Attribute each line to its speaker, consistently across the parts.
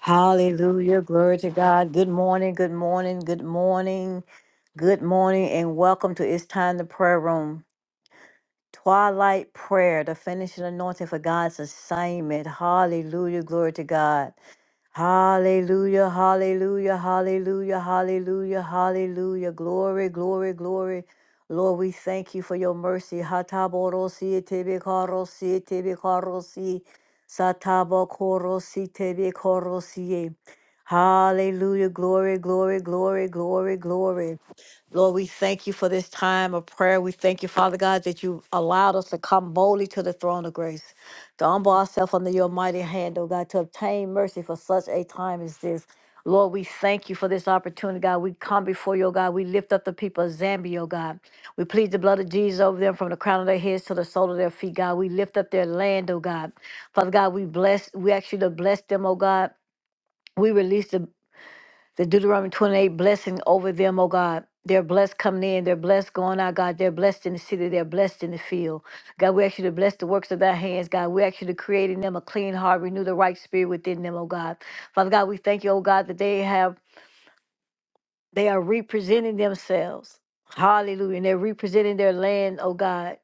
Speaker 1: Hallelujah. Glory to God. Good morning. Good morning. Good morning. Good morning. And welcome to It's Time the Prayer Room. Twilight prayer, the finishing anointing for God's assignment. Hallelujah. Glory to God. Hallelujah, hallelujah, hallelujah, hallelujah, hallelujah. Glory, glory, glory. Lord, we thank you for your mercy. Hataborosi tebekorosi tebekorosi satabokorosi tebekorosi. Hallelujah, glory, glory, glory, glory, glory. Lord, we thank you for this time of prayer. We thank you, Father God, that you allowed us to come boldly to the throne of grace, to humble ourselves under your mighty hand, oh God, to obtain mercy for such a time as this. Lord, we thank you for this opportunity, God. We come before you, oh God. We lift up the people of Zambia, oh God. We plead the blood of Jesus over them from the crown of their heads to the sole of their feet, God. We lift up their land, oh God. Father God, we bless, we ask you to bless them, oh God. We release the the Deuteronomy 28 blessing over them, oh God. They're blessed coming in. They're blessed going out, God. They're blessed in the city. They're blessed in the field. God, we ask you to bless the works of thy hands, God. We ask you to create in them a clean heart, renew the right spirit within them, oh God. Father God, we thank you, oh God, that they have, they are representing themselves. Hallelujah. And they're representing their land, oh God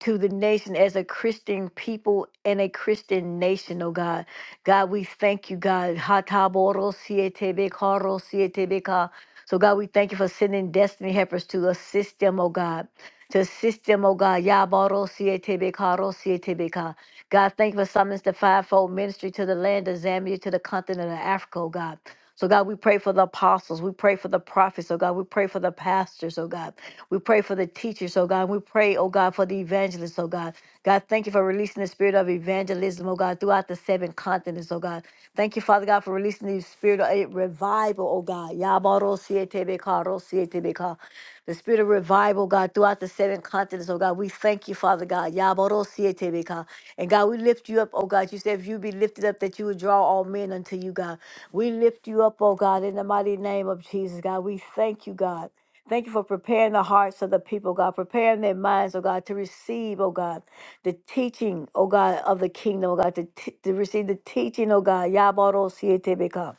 Speaker 1: to the nation as a Christian people and a Christian nation, oh God. God, we thank you, God. Hataborosietebekorosietebeka. So, God, we thank you for sending destiny helpers to assist them, oh God. To assist them, oh God. Yabarosietebeka. God, thank you for summons the fivefold ministry to the land of Zambia, to the continent of Africa, oh God. So, God, we pray for the apostles. We pray for the prophets, oh God. We pray for the pastors, oh God. We pray for the teachers, oh God. We pray, oh God, for the evangelists, oh God. God, thank you for releasing the spirit of evangelism, oh God, throughout the seven continents, oh God. Thank you, Father God, for releasing the spirit of eh, revival, oh God. Yabarosietebeka, rosietebeka the spirit of revival, God, throughout the seven continents, oh God. We thank you, Father God. Yabarosietebeka. And God, we lift you up, oh God. You said if you be lifted up, that you would draw all men unto you, God. We lift you up, oh God, in the mighty name of Jesus, God. We thank you, God. Thank you for preparing the hearts of the people, God, preparing their minds, oh God, to receive, oh God, the teaching, oh God, of the kingdom, oh God, to, t- to receive the teaching, oh God. Yabarosietebeka.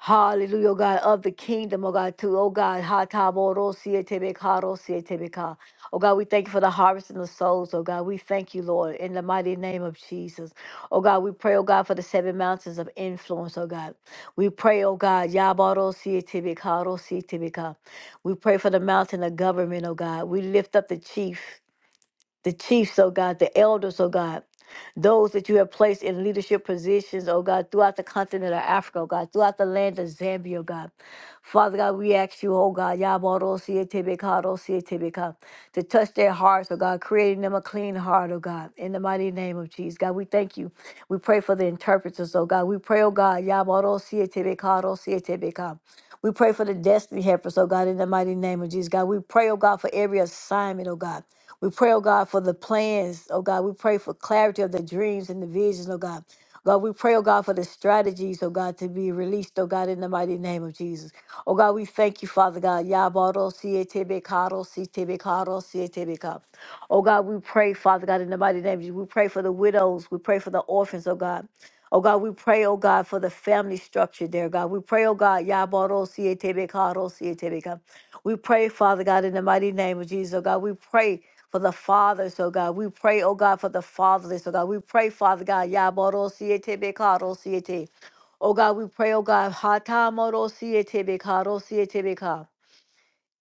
Speaker 1: Hallelujah, oh God, of the kingdom, oh God, too. Oh God, Hataboro-sietebeka-ro-sietebeka. Si Si e te be ka, Ro si e te be ka. oh God, we thank you for the harvest and the souls, oh God. We thank you, Lord, in the mighty name of Jesus. Oh God, we pray, oh God, for the seven mountains of influence, oh God. We pray, oh God, Ya sietebeka ro Si Si Ro sietebeka we pray for the mountain of government, oh God. We lift up the chief the chiefs, oh God, the elders, oh God, those that you have placed in leadership positions, oh God, throughout the continent of Africa, oh God, throughout the land of Zambia, oh God. Father God, we ask you, oh God, Yabarosietebeka, Rosietebeka, to touch their hearts, oh God, creating them a clean heart, oh God, in the mighty name of Jesus. God, we thank you. We pray for the interpreters, oh God. We pray, oh God, Yabarosietebeka, Rosietebeka. We pray for the destiny helpers, oh God, in the mighty name of Jesus. God, we pray, oh God, for every assignment, oh God. We pray, oh God, for the plans, oh God. We pray for clarity of the dreams and the visions, oh God. God, we pray, oh God, for the strategies, oh God, to be released, oh God, in the mighty name of Jesus. Oh God, we thank you, Father God. Yabaro, Sietebekaro, Sietebekaro, Sietebekaro. Oh God, we pray, Father God, in the mighty name of Jesus. We pray for the widows. We pray for the orphans, oh God. Oh God, we pray, oh God, for the family structure there, God. We pray, oh God, Yabaro, Sietebekaro, Sietebekaro. We pray, Father God, in the mighty name of Jesus, oh God. We pray for the fathers, oh God. We pray, oh God, for the fatherless, oh God. We pray, Father God, Yaboro Siete Bekaro Siete. Oh God, we pray, oh God, Hatamoro Siete Bekaro Siete Beka.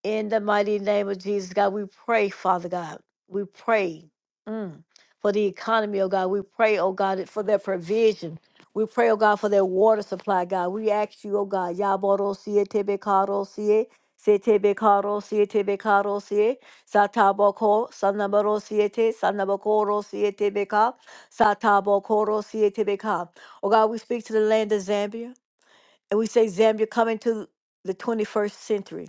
Speaker 1: In the mighty name of Jesus, God, we pray, Father God. We pray mm, for the economy, oh God. We pray, oh God, for their provision. We pray, oh God, for their water supply, God. We ask you, oh God, Yaboro Sie Tebe Karo Sie, Setebe Karo Sie Tebe Karo Sie, Sataboko, Sanaboro Siete, Sanabokoro Siete Beka, Satabokoro Siete Beka. Oh God, we speak to the land of Zambia. And we say, Zambia, come into the 21st century.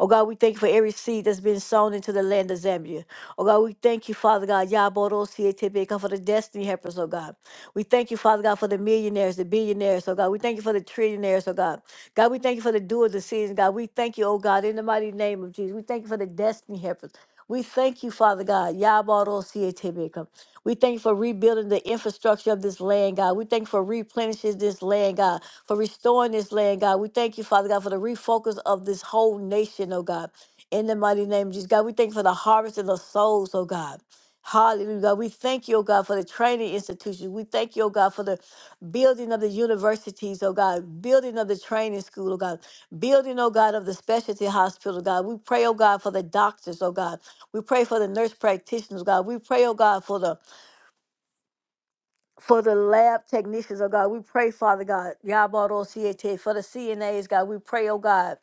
Speaker 1: Oh God, we thank you for every seed that's been sown into the land of Zambia. Oh God, we thank you, Father God, Yaboro Sietebeka, for the destiny helpers, oh God. We thank you, Father God, for the millionaires, the billionaires, oh God. We thank you for the trillionaires, oh God. God, we thank you for the doers of seasons, God. We thank you, oh God, in the mighty name of Jesus. We thank you for the destiny helpers. We thank you, Father God. Yaboro Sietebeka. We thank you for rebuilding the infrastructure of this land, God. We thank you for replenishing this land, God for restoring this land, God. We thank you, Father God, for the refocus of this whole nation, oh God. In the mighty name of Jesus, God, we thank you for the harvest of the souls, oh God. Hallelujah. God. We thank you, oh God, for the training institutions. We thank you, oh God, for the building of the universities, oh God, building of the training school, oh God, building, oh God, of the specialty hospital, God. We pray, oh God, for the doctors, oh God. We pray for the nurse practitioners, God. We pray, oh God, for the for the lab technicians, oh God, we pray, Father God, Yabaro CAT, for the CNAs, God, we pray, oh God,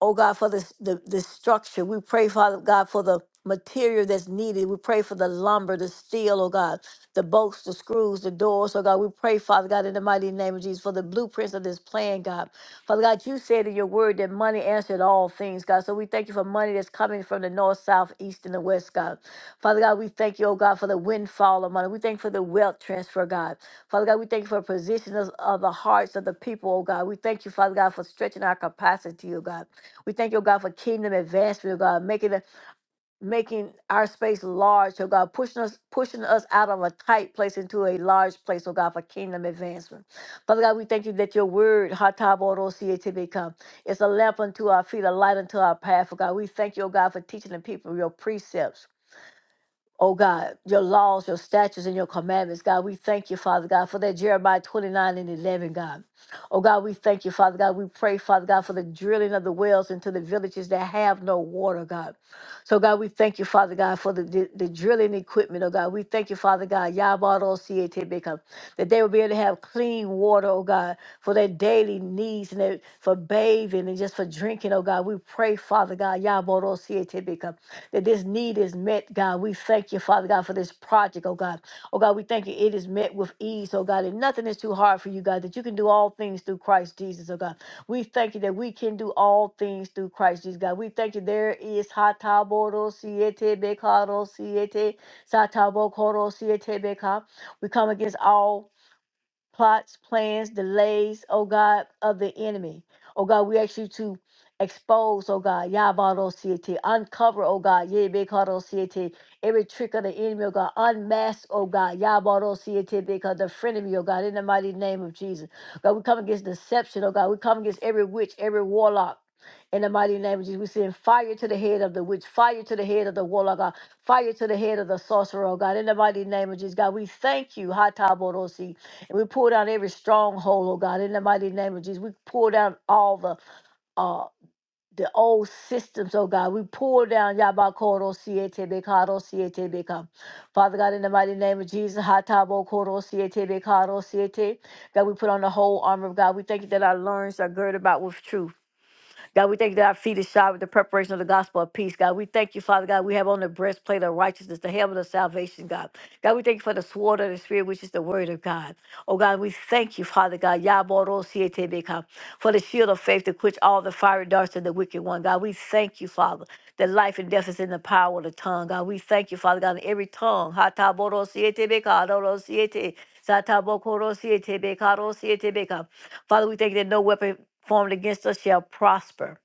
Speaker 1: oh God, for the, the, the structure. We pray, Father God, for the material that's needed. We pray for the lumber, the steel, oh God, the bolts, the screws, the doors, oh God. We pray, Father God, in the mighty name of Jesus, for the blueprints of this plan, God. Father God, you said in your word that money answered all things, God. So we thank you for money that's coming from the north, south, east, and the west, God. Father God, we thank you, oh God, for the windfall of money. We thank you for the wealth transfer, God. Father God, we thank you for positioning us of the hearts of the people, oh God. We thank you, Father God, for stretching our capacity, oh God. We thank you, oh God, for kingdom advancement, oh God, making the making our space large, oh God, pushing us, pushing us out of a tight place into a large place, oh God, for kingdom advancement. Father God, we thank you that your word, become it's a lamp unto our feet, a light unto our path, oh God. We thank you, oh God, for teaching the people your precepts. Oh God, your laws, your statutes, and your commandments, God, we thank you, Father God, for that Jeremiah 29 and 11, God. Oh God, we thank you, Father God. We pray, Father God, for the drilling of the wells into the villages that have no water, God. So God, we thank you, Father God, for the, the, the drilling equipment, oh God. We thank you, Father God, Yabado Sietebeka, that they will be able to have clean water, oh God, for their daily needs and their, for bathing and just for drinking, oh God. We pray, Father God, Yabado that this need is met, God. We thank you, Father God, for this project, oh God. Oh God, we thank you. It is met with ease, oh God. And nothing is too hard for you, God, that you can do all things through Christ Jesus, oh God. We thank you that we can do all things through Christ Jesus, God. We thank you. There is hataboro siete bekaro siete satabokoro siete beka. We come against all plots, plans, delays, oh God, of the enemy. Oh God, we ask you to expose, oh God, Yabadosiete, uncover, oh God, Yebekadosiete, every trick of the enemy, oh God, unmask, oh God, Yabadosiete, because the frenemy, oh God, in the mighty name of Jesus. God, we come against deception, oh God, we come against every witch, every warlock. In the mighty name of Jesus, we send fire to the head of the witch, fire to the head of the warlock, God, fire to the head of the sorcerer, oh God. In the mighty name of Jesus, God, we thank you. Hatabodosi, we pull down every stronghold, oh God, in the mighty name of Jesus. We pull down all the uh the old systems, oh God. We pull down Yabakoro Siete Bekaro Siete Beka. Father God, in the mighty name of Jesus, Hatabo Koro Siete Bekaro Siete. God, we put on the whole armor of God. We thank you that our loins are girded about with truth. God, we thank you that our feet is shod with the preparation of the gospel of peace. God, we thank you, Father God. We have on the breastplate of righteousness, the helmet of salvation, God. God, we thank you for the sword of the Spirit, which is the word of God. Oh, God, we thank you, Father God, Yabarosietebeka, for the shield of faith to quench all the fiery darts of the wicked one. God, we thank you, Father, that life and death is in the power of the tongue. God, we thank you, Father God, in every tongue. Hataborosietebeka, Adorosiete, Satabokorosietebeka, Rosietebeka. Father, we thank you that no weapon formed against us shall prosper,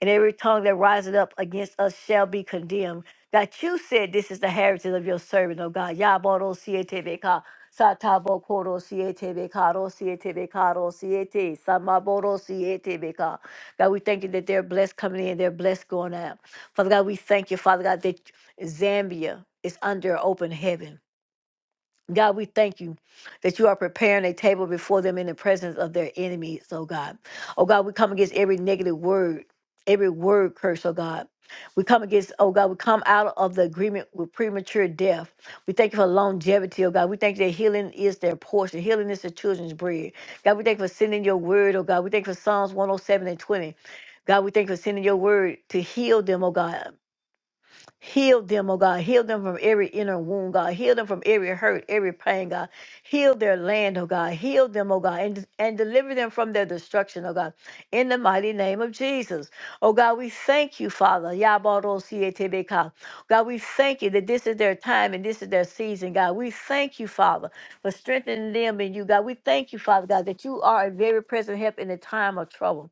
Speaker 1: and every tongue that riseth up against us shall be condemned. That you said, This is the heritage of your servant, O God. Yaboro siete beka, satabo koro siete beka, ro siete beka, ro siete, samaboro siete beka. God, we thank you that they're blessed coming in, they're blessed going out. Father God, we thank you, Father God, that Zambia is under open heaven. God, we thank you that you are preparing a table before them in the presence of their enemies, oh God. Oh God, we come against every negative word, every word curse, oh God. We come against, oh God, we come out of the agreement with premature death. We thank you for longevity, oh God. We thank you that healing is their portion. Healing is the children's bread. God, we thank you for sending your word, oh God. We thank you for Psalms 107 and 20. God, we thank you for sending your word to heal them, oh God. Heal them, oh God. Heal them from every inner wound, God. Heal them from every hurt, every pain, God. Heal their land, oh God. Heal them, oh God, and, and deliver them from their destruction, oh God. In the mighty name of Jesus. Oh God, we thank you, Father. Yabarosietebeka. God, we thank you that this is their time and this is their season, God. We thank you, Father, for strengthening them in you, God. We thank you, Father, God, that you are a very present help in the time of trouble.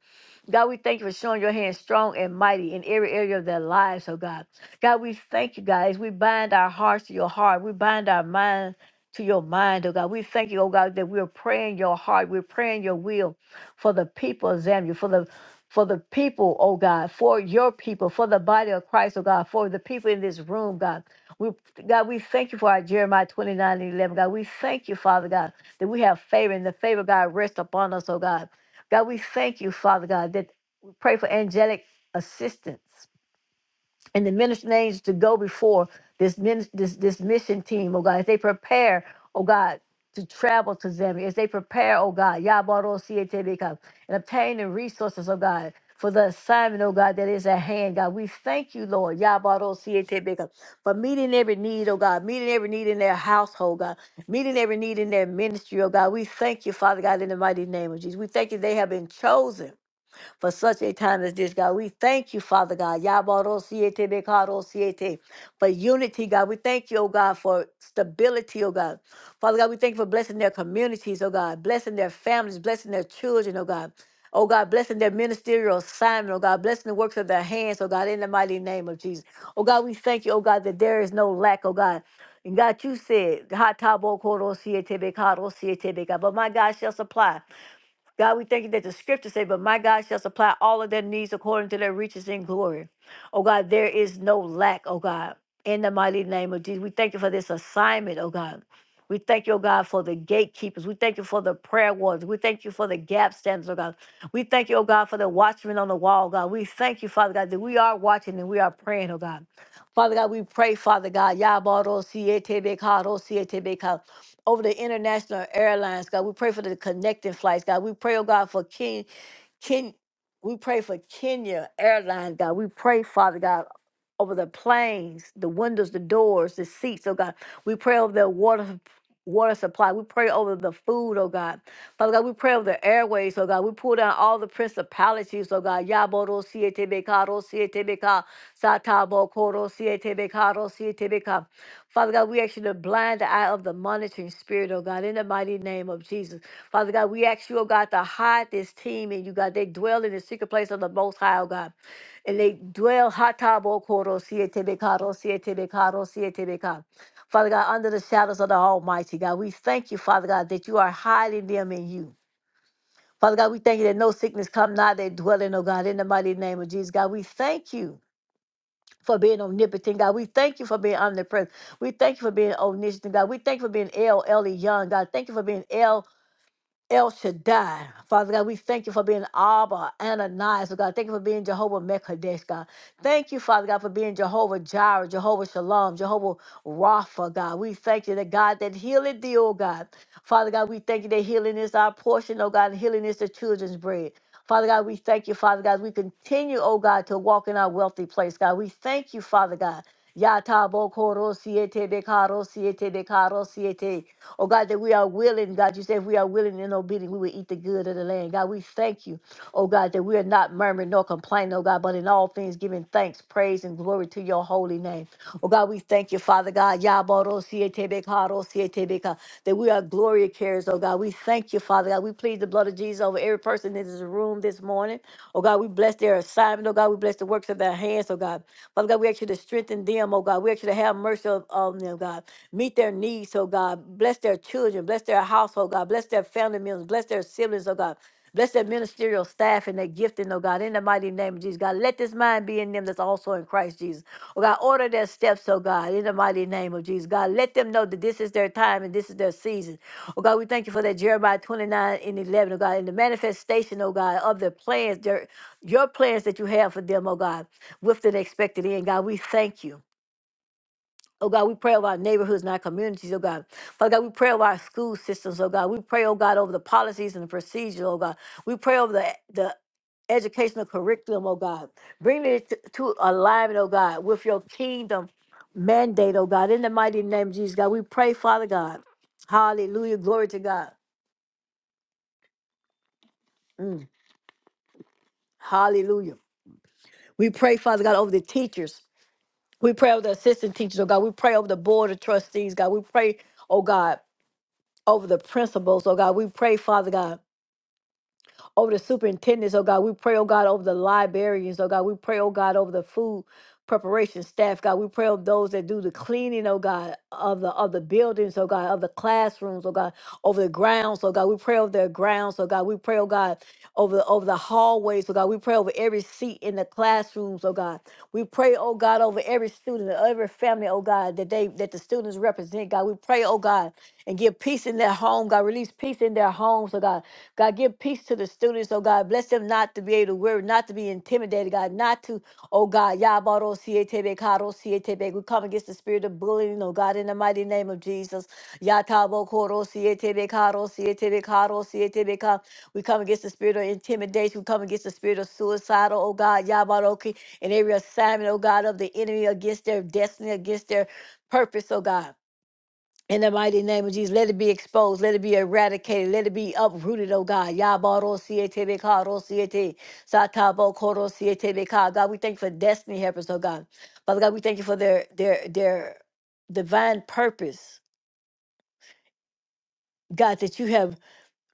Speaker 1: God, we thank you for showing your hand strong and mighty in every area of their lives, oh God. God, we thank you, guys. We bind our hearts to your heart. We bind our minds to your mind, oh God. We thank you, oh God, that we're praying your heart. We're praying your will for the people of Zambia, for the for the people, oh God, for your people, for the body of Christ, oh God, for the people in this room, God. We God, we thank you for our Jeremiah 29 and 11, God. We thank you, Father God, that we have favor and the favor, God, rests upon us, oh God. God, we thank you, Father God, that we pray for angelic assistance and the minister names to go before this min, this this mission team, oh God, as they prepare, oh God, to travel to Zambia, as they prepare, oh God, Yabaro Sietebeka, and obtain the resources, oh God. For the assignment, oh God, that is at hand, God. We thank you, Lord, Yabaro Sietebeka, for meeting every need, oh God, meeting every need in their household, God, meeting every need in their ministry, oh God. We thank you, Father God, in the mighty name of Jesus. We thank you they have been chosen for such a time as this, God. We thank you, Father God. Yabarosiete bekarosiete, For unity, God. We thank you, oh God, for stability, oh God. Father God, we thank you for blessing their communities, oh God, blessing their families, blessing their children, oh God. Oh God, blessing their ministerial assignment, oh God, blessing the works of their hands, oh God, in the mighty name of Jesus. Oh God, we thank you, oh God, that there is no lack, oh God. And God, you said, "Ha ta bo ko si e te be ka ro si e be ka." but my God shall supply. God, we thank you that the scriptures say, but my God shall supply all of their needs according to their riches in glory. Oh God, there is no lack, oh God, in the mighty name of Jesus. We thank you for this assignment, oh God. We thank you, oh God, for the gatekeepers. We thank you for the prayer warriors. We thank you for the gap standers, oh God. We thank you, oh God, for the watchmen on the wall, God. We thank you, Father God, that we are watching and we are praying, oh God. Father God, we pray, Father God, Yabaro siete bekaro siete bekaro over the international airlines, God. We pray for the connecting flights, God. We pray, oh God, for King Ken, we pray for Kenya Airlines, God. We pray, Father God, over the planes, the windows, the doors, the seats, oh God. We pray over their water water supply. We pray over the food, oh God. Father God, we pray over the airways, oh God. We pull down all the principalities, oh God. Yaboro sietebekaro sietebeka satabo koro sietebekaro sietebeka. Father God, we ask you to blind the eye of the monitoring spirit, oh God, in the mighty name of Jesus. Father God, we ask you, oh God, to hide this team and you, God. They dwell in the secret place of the Most High, oh God. And they dwell, hatabo koro sietebekaro sietebekaro sietebekaro. Father God, under the shadows of the Almighty, God. We thank you, Father God, that you are hiding them in you. Father God, we thank you that no sickness come nigh their dwelling, oh God, in the mighty name of Jesus. God, we thank you for being omnipotent, God. We thank you for being omnipresent. We thank you for being omniscient, God. We thank you for being El Elyon, God. Thank you for being El. El Shaddai. Father God, we thank you for being Abba, Ananias, oh God. Thank you for being Jehovah Mekadesh, God. Thank you, Father God, for being Jehovah Jireh, Jehovah Shalom, Jehovah Rapha, God. We thank you that God that healeth thee, oh God. Father God, we thank you that healing is our portion, oh God, and healing is the children's bread. Father God, we thank you, Father God. We continue, oh God, to walk in our wealthy place, God. We thank you, Father God. Yata bokoro siete de karo siete de karo siete. Oh God, that we are willing, God, you said if we are willing and obedient, we will eat the good of the land. God, we thank you, oh God, that we are not murmuring nor complaining, oh God, but in all things giving thanks, praise, and glory to your holy name. Oh God, we thank you, Father God, Yabarosietebeka, Rosietebeka, that we are glory carriers, oh God. We thank you, Father God. We plead the blood of Jesus over every person in this room this morning. Oh God, we bless their assignment, oh God, we bless the works of their hands, oh God. Father God, we ask you to strengthen them, oh God. We ask you to have mercy on on them, God. Meet their needs, oh God. Bless their children. Bless their household, God. Bless their family members. Bless their siblings, oh God. Bless their ministerial staff and their gifting, oh God, in the mighty name of Jesus. God, let this mind be in them that's also in Christ Jesus. Oh God, order their steps, oh God, in the mighty name of Jesus. God, let them know that this is their time and this is their season. Oh God, we thank you for that Jeremiah 29 and 11, oh God, and the manifestation, oh God, of the plans, their, your plans that you have for them, oh God, with an expected end. God, we thank you. Oh God, we pray over our neighborhoods and our communities, oh God. Father God, we pray over our school systems, oh God. We pray, oh God, over the policies and the procedures. oh God. We pray over the the educational curriculum, oh God. Bring it to, to alignment, oh God, with your kingdom mandate, oh God. In the mighty name of Jesus, God, we pray, Father God. Hallelujah. Glory to God. Mm, hallelujah. We pray, Father God, over the teachers. We pray over the assistant teachers, oh God. We pray over the board of trustees, God. We pray, oh God. over the principals, oh God. We pray, Father God, over the superintendents, oh God. We pray, oh God, over the librarians, oh God. We pray, oh God, over the food preparation staff, God. We pray over those that do the cleaning, oh God, of the of the buildings, oh God, of the classrooms, oh God, over the grounds, oh God. We pray over their grounds, oh God. We pray, oh God, over the over the hallways, oh God. We pray over every seat in the classrooms, oh God. We pray, oh God, over every student, every family, oh God, that they that the students represent, God. We pray, oh God and give peace in their home. God, release peace in their homes. So God, God, give peace to the students. Oh God, bless them not to be able to worry, not to be intimidated. God, not to, oh God, Yabaro Sietebe Karo Sietebe. We come against the spirit of bullying. Oh God, in the mighty name of Jesus, Yatabo Koro Sietebe Karo Sietebe Karo Sietebe Ka. We come against the spirit of intimidation. We come against the spirit of suicidal. Oh God, Yabaroki, and every assignment. Oh God, of the enemy against their destiny, against their purpose. Oh God. In the mighty name of Jesus, let it be exposed, let it be eradicated, let it be uprooted, oh God. Yabaro siete Karo ro siete, satabo koro siete beka. God, we thank you for destiny helpers, oh God. Father God, we thank you for their their their divine purpose, God, that you have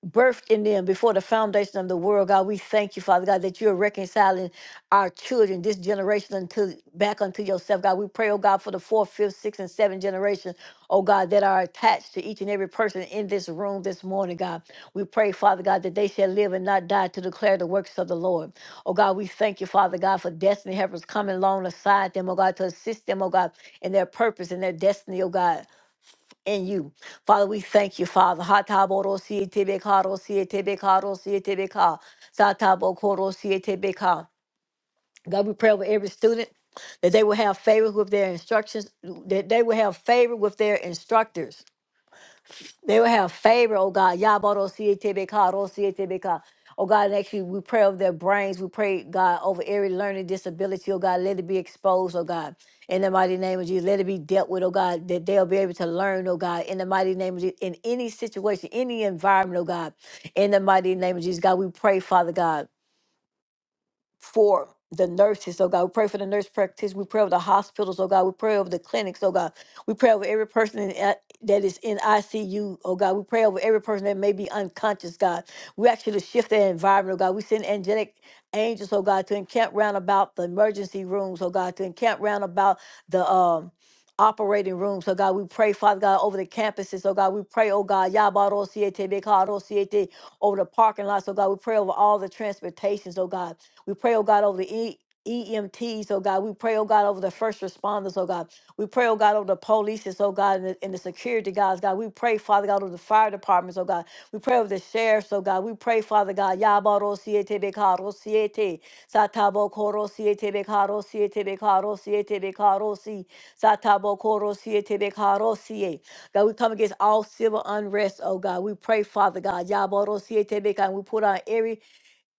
Speaker 1: birthed in them before the foundation of the world. God, we thank you, Father God, that you're reconciling our children, this generation, unto back unto yourself. God, we pray, oh God, for the fourth, fifth, sixth, and seventh generation, oh God, that are attached to each and every person in this room this morning, God. We pray, Father God, that they shall live and not die to declare the works of the Lord. Oh God, we thank you, Father God, for destiny helpers coming along alongside them, oh God, to assist them, oh God, in their purpose and their destiny, oh God in you. Father, we thank you, Father. Hataborosietebeka, rosietebeka, rosietebeka. Satabokorosietebeka. God, we pray over every student that they will have favor with their instructions, that they will have favor with their instructors they will have favor, oh God. Yabarosietebeka, rosietebeka. Oh God, and actually we pray over their brains. We pray, God, over every learning disability, oh God. Let it be exposed, oh God. In the mighty name of Jesus, let it be dealt with, oh God, that they'll be able to learn, oh God, in the mighty name of Jesus, in any situation, any environment, oh God, in the mighty name of Jesus, God, we pray, Father God for the nurses, oh God. We pray for the nurse practitioners. We pray over the hospitals, oh God. We pray over the clinics, oh God. We pray over every person in, I- that is in ICU, oh God. We pray over every person that may be unconscious, God. We actually shift their environment, oh God. We send angelic angels, oh God, to encamp round about the emergency rooms, oh God, to encamp round about the um operating rooms, oh God. We pray, Father God, over the campuses, oh God. We pray, oh God, Yabaro Siete, Bekaro Siete, over the parking lots, oh God. We pray over all the transportations, oh God. We pray, oh God, over the E. EMTs, oh God, we pray, oh God, over the first responders, oh God. We pray, oh God, over the police, oh God, and the, and the security guys, God. We pray, Father God, over the fire departments, oh God. We pray over the sheriffs, oh God. We pray, Father God, Yabaro Siete Bekaro Siete, Satabo Koro Siete Bekaro Siete Bekaro Siete Bekaro Si, Satabo Koro Siete Bekaro Siete. God, we come against all civil unrest, oh God. We pray, Father God, Yaboro Siete Bekaro. We put on every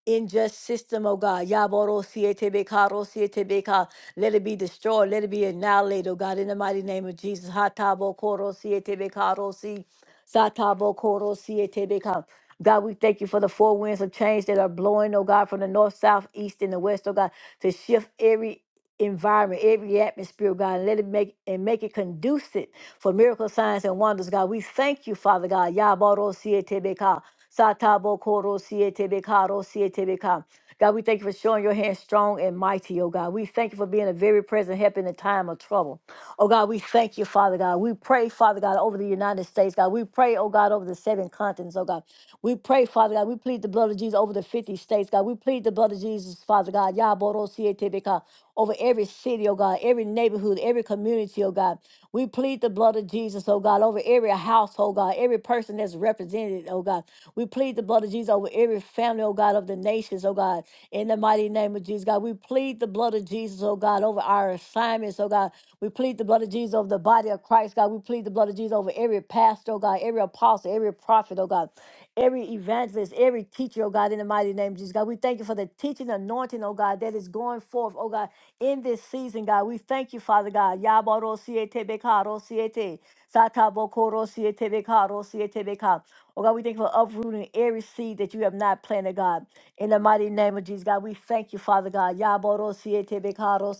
Speaker 1: in system, oh God. Yaboro siete bekaro siete beka. Let it be destroyed. Let it be annihilated, oh God, in the mighty name of Jesus. Hatabo koro siete bekaro si. Satabo koro siete beka. God, we thank you for the four winds of change that are blowing, oh God, from the north, south, east, and the west, oh God, to shift every environment, every atmosphere, oh God, and let it make and make it conducive for miracle signs and wonders, God. We thank you, Father God. Yaboro sietebeka, satabo koro sietebeka, ro sietebeka. God, we thank you for showing your hand strong and mighty, oh God. We thank you for being a very present help in the time of trouble. Oh God, we thank you, Father God. We pray, Father God, over the United States, God. We pray, oh God, over the seven continents, oh God. We pray, Father God. We plead the blood of Jesus over the 50 states, God. We plead the blood of Jesus, Father God. Yaborosietebeka, Over every city, oh God, every neighborhood, every community, oh God. We plead the blood of Jesus, oh God, over every household, God, every person that's represented, oh God. We plead the blood of Jesus over every family, oh God, of the nations, oh God. In the mighty mighty name of Jesus, God. We plead the blood of Jesus, oh God, over our assignments, oh God. We plead the blood of Jesus over the body of Christ, God. We plead the blood of Jesus over every pastor, oh God, every apostle, every prophet, oh God, every evangelist, every teacher, oh God, in the mighty name of Jesus, God. We thank you for the teaching anointing, oh God, that is going forth, oh God, in this season, God. We thank you, Father God. Yabaro siete bekaro siete. Satabokoro siete bekaro siete beka. Oh God, we thank you for uprooting every seed that you have not planted, God. In the mighty name of Jesus, God, we thank you, Father God. Yaboro siete beka, ro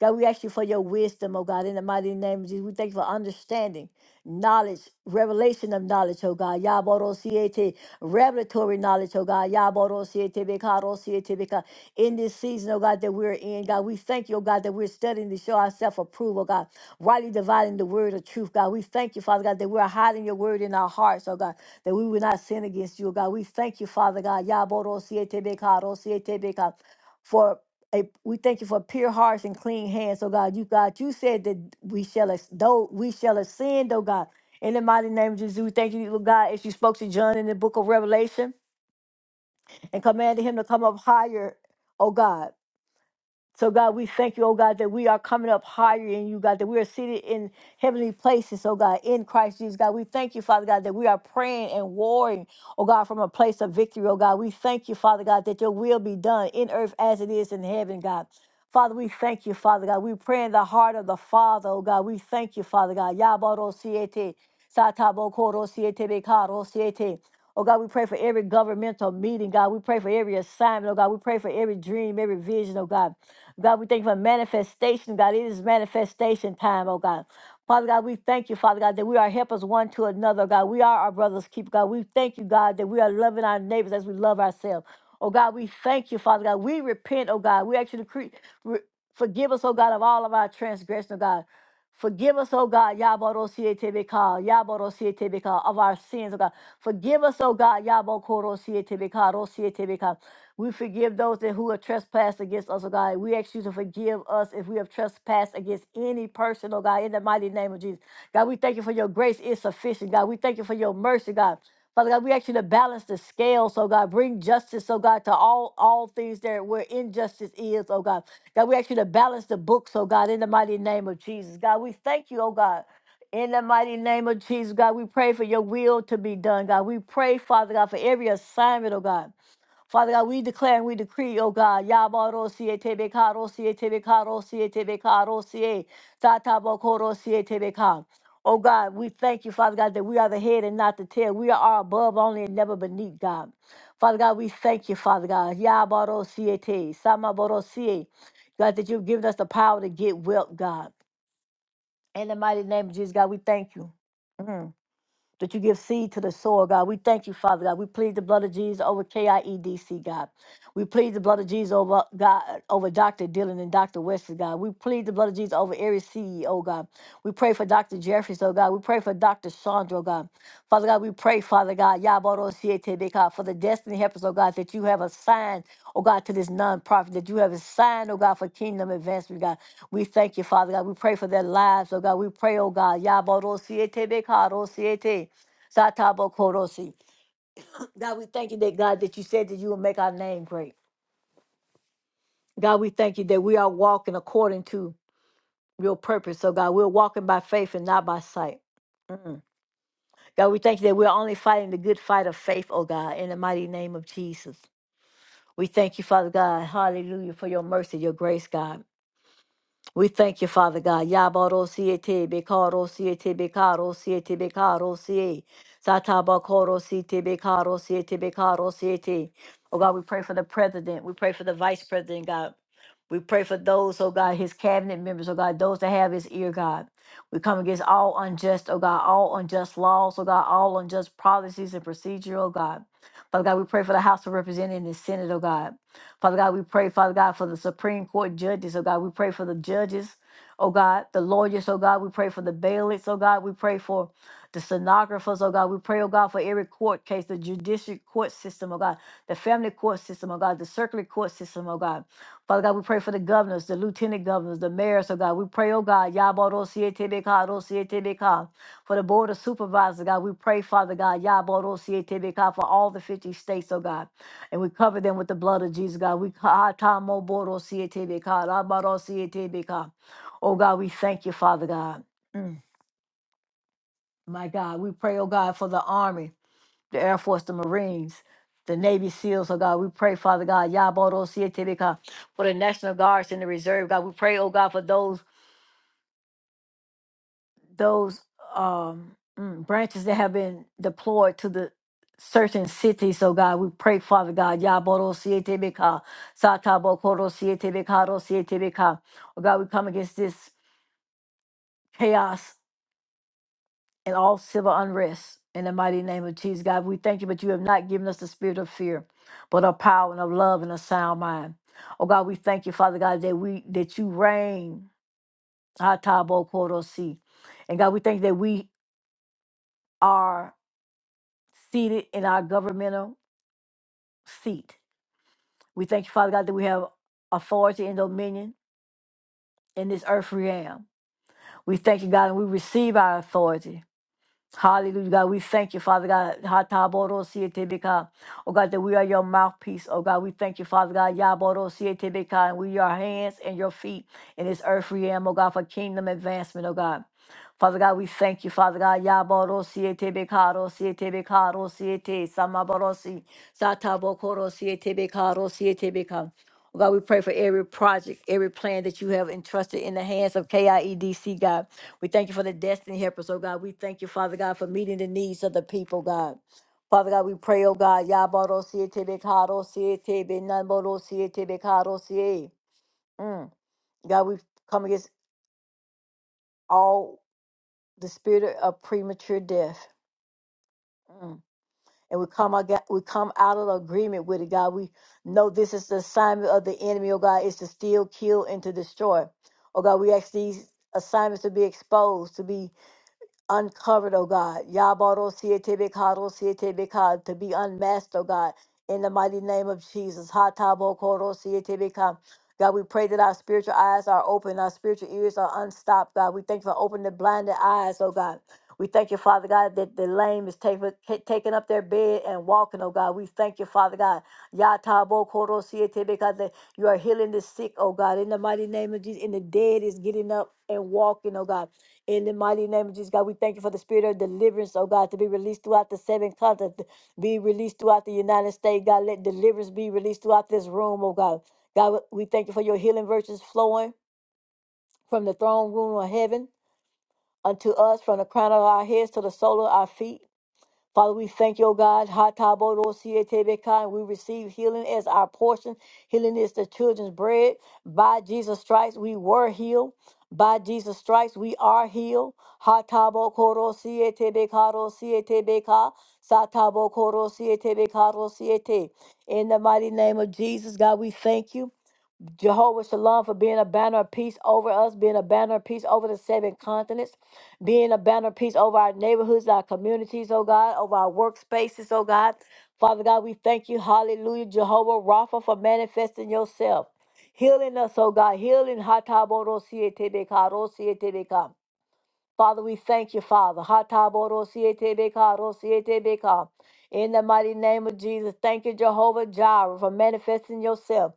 Speaker 1: God, we ask you for your wisdom, oh God. In the mighty name of Jesus, we thank you for understanding, knowledge, revelation of knowledge, oh God. Yaboro siete, revelatory knowledge, oh God. Yaboro siete beka, ro In this season, oh God, that we're in, God, we thank you, oh God, that we're studying to show ourselves approval, God rightly dividing the word of truth, God. We thank you, Father God, that we're hiding your word in our hearts, oh God, that we will not sin against you, oh God. We thank you, Father God, Yaborosietebeka, Rosietebeka, for a, we thank you for pure hearts and clean hands, oh God. You God, you said that we shall as- though we shall ascend, oh God. In the mighty name of Jesus, we thank you, Lord God, as you spoke to John in the book of Revelation and commanded him to come up higher, oh God. So, God, we thank you, oh God, that we are coming up higher in you, God, that we are seated in heavenly places, oh God, in Christ Jesus, God. We thank you, Father God, that we are praying and warring, oh God, from a place of victory, oh God. We thank you, Father God, that your will be done in earth as it is in heaven, God. Father, we thank you, Father God. We pray in the heart of the Father, oh God. We thank you, Father God. Yabaro siete, satabo koro siete, bekaro siete. Oh God, we pray for every governmental meeting, God. We pray for every assignment, oh God. We pray for every dream, every vision, oh God. God, we thank you for manifestation. God, it is manifestation time, oh God. Father God, we thank you, Father God, that we are helpers one to another, God. We are our brothers' keeper. God. We thank you, God, that we are loving our neighbors as we love ourselves. Oh God, we thank you, Father God. We repent, oh God. We actually cre- re- forgive us, oh God, of all of our transgression, oh God. Forgive us, oh God, Yabarosietebeka, Yabarosietebeka, of our sins, oh God. Forgive us, O God. Yabokoro-sietebeka, rosietebeka. We forgive those that who have trespassed against us, O God. We ask you to forgive us if we have trespassed against any person, O God, in the mighty name of Jesus. God, we thank you for your grace is sufficient, God. We thank you for your mercy, God. Father God, we ask you to balance the scale, so God, bring justice, oh God, to all all things there where injustice is, oh God. God, we ask you to balance the books, oh God, in the mighty name of Jesus. God, we thank you, oh God. In the mighty name of Jesus, God, we pray for your will to be done, God. We pray, Father God, for every assignment, oh God. Father God, we declare and we decree, oh God, Yabaro siye tebe karo siye tebe karo siye tebe karo siye tatabo koro siye tebe ka. Oh God, we thank you, Father God, that we are the head and not the tail. We are above only and never beneath, God. Father God, we thank you, Father God. Yabaro siye te, samaboro siye. God, that you've given us the power to get wealth, God. In the mighty name of Jesus, God, we thank you. Mm that you give seed to the soil, God. We thank you, Father God. We plead the blood of Jesus over KIEDC, God. We plead the blood of Jesus over God over Dr. Dillon and Dr. Wesley, God. We plead the blood of Jesus over every CEO, God. We pray for Dr. Jeffries, oh God. We pray for Dr. Sandra, oh God. Father God, we pray, Father God, Yaboro Siete, God, for the destiny helpers, oh God, that you have assigned, oh God, to this nonprofit, that you have assigned, oh God, for kingdom advancement, God. We thank you, Father God. We pray for their lives, oh God. We pray, oh God, Yaboro Siete, Satabo Satabokorosi. God, we thank you that God that you said that you will make our name great. God, we thank you that we are walking according to your purpose. So God, we're walking by faith and not by sight. Mm. God, we thank you that we're only fighting the good fight of faith, oh God, in the mighty name of Jesus. We thank you, Father God, hallelujah, for your mercy, your grace, God. We thank you, Father God. Yabarosiete, bekarosiete, bekarosiete, bekarosie. Satabakorosiete, bekarosiete, bekarosiete. Oh God, we pray for the president. We pray for the vice president, God. We pray for those, oh God, his cabinet members, oh God, those that have his ear, God. We come against all unjust, oh God, all unjust laws, oh God, all unjust policies and procedure, oh God. Father God, we pray for the House of Representatives and the Senate, oh God. Father God, we pray, Father God, for the Supreme Court judges, oh God. We pray for the judges, oh God, the lawyers, oh God. We pray for the bailiffs, oh God. We pray for the stenographers, oh God. We pray, oh God, for every court case, the judicial court system, oh God, the family court system, oh God, the circular court system, oh God. Father God, we pray for the governors, the lieutenant governors, the mayors, oh God. We pray, oh God, Yaboro Sietebeka, Rosietebeka, for the board of supervisors, oh God. We pray, Father God, Yaboro Sietebeka, for all the 50 states, oh God. And we cover them with the blood of Jesus, God. We ka- ta mo bo ro si e te be ka, ra ba ro si e te be ka. Oh God, we thank you, Father God. Mm, my God, we pray, oh God, for the army, the Air Force, the Marines, the Navy SEALs, oh God. We pray, Father God, ya bo ro si e te be ka, for the National Guards and the Reserve, God. We pray, oh God, for those. those um, mm, branches that have been deployed to the certain cities. So God, we pray, Father God, Yaboro Sietebeka, Satabo Koro Sietebeka, Ro Sietebeka. Oh God, we come against this chaos and all civil unrest in the mighty name of Jesus. God, we thank you, but you have not given us the spirit of fear, but of power and of love and a sound mind. Oh God, we thank you, Father God, that we that you reign. Hatabo Koro Si. And God, we thank you that we are. seated in our governmental seat. We thank you, Father God, that we have authority and dominion in this earth realm. We thank you, God, and we receive our authority. Hallelujah, God. We thank you, Father God. Hatabodosietebeka. Oh, God, that we are your mouthpiece. Oh, God, we thank you, Father God. Yabodosietebeka. And we are hands and your feet in this earth realm, oh, God, for kingdom advancement, oh, God. Father God, we thank you, Father God. Yabodosietebeka, dosietebeka, dosiete, samabodosi, satabokorosietebeka, dosietebeka. Oh, God, we pray for every project, every plan that you have entrusted in the hands of KIEDC, God. We thank you for the destiny helpers, oh God. We thank you, Father God, for meeting the needs of the people, God. Father God, we pray, oh God, Yabaro Siete Bekaro Siete Benamboro Siete Bekaro Siete. Mm. God, we come against all the spirit of premature death. Mm. And we come, aga- we come out of agreement with it, God. We know this is the assignment of the enemy, oh God, is to steal, kill, and to destroy. Oh God, we ask these assignments to be exposed, to be uncovered, oh God. Yabaro siete bekaro siete beka to be unmasked, oh God. In the mighty name of Jesus. Hatabo koro siete beka. God, we pray that our spiritual eyes are open, our spiritual ears are unstopped, God. We thank you for opening the blinded eyes, oh God. We thank you, Father God, that the lame is taking taking up their bed and walking, oh God. We thank you, Father God. Yatabo koro siete beka, that you are healing the sick, oh God. In the mighty name of Jesus, and the dead is getting up and walking, oh God. In the mighty name of Jesus, God, we thank you for the spirit of deliverance, oh God, to be released throughout the seven continents, be released throughout the United States. God, let deliverance be released throughout this room, oh God. God, we thank you for your healing virtues flowing from the throne room of heaven unto us, from the crown of our heads to the sole of our feet. Father, we thank you, O God. Hatabodosietebeka, We receive healing as our portion. Healing is the children's bread. By Jesus' stripes, we were healed. By Jesus' stripes, we are healed. Hatabokosietebeka, Satabokosietebeka, In the mighty name of Jesus, God, we thank you. Jehovah Shalom for being a banner of peace over us, being a banner of peace over the seven continents, being a banner of peace over our neighborhoods, our communities, oh God, over our workspaces, oh God. Father God, we thank you, hallelujah, Jehovah Rapha, for manifesting yourself, healing us, oh God, healing. Hataborosietebeka, rosietebeka. Father, we thank you, Father. Hataborosietebeka, rosietebeka. In the mighty name of Jesus, thank you, Jehovah Jireh, for manifesting yourself.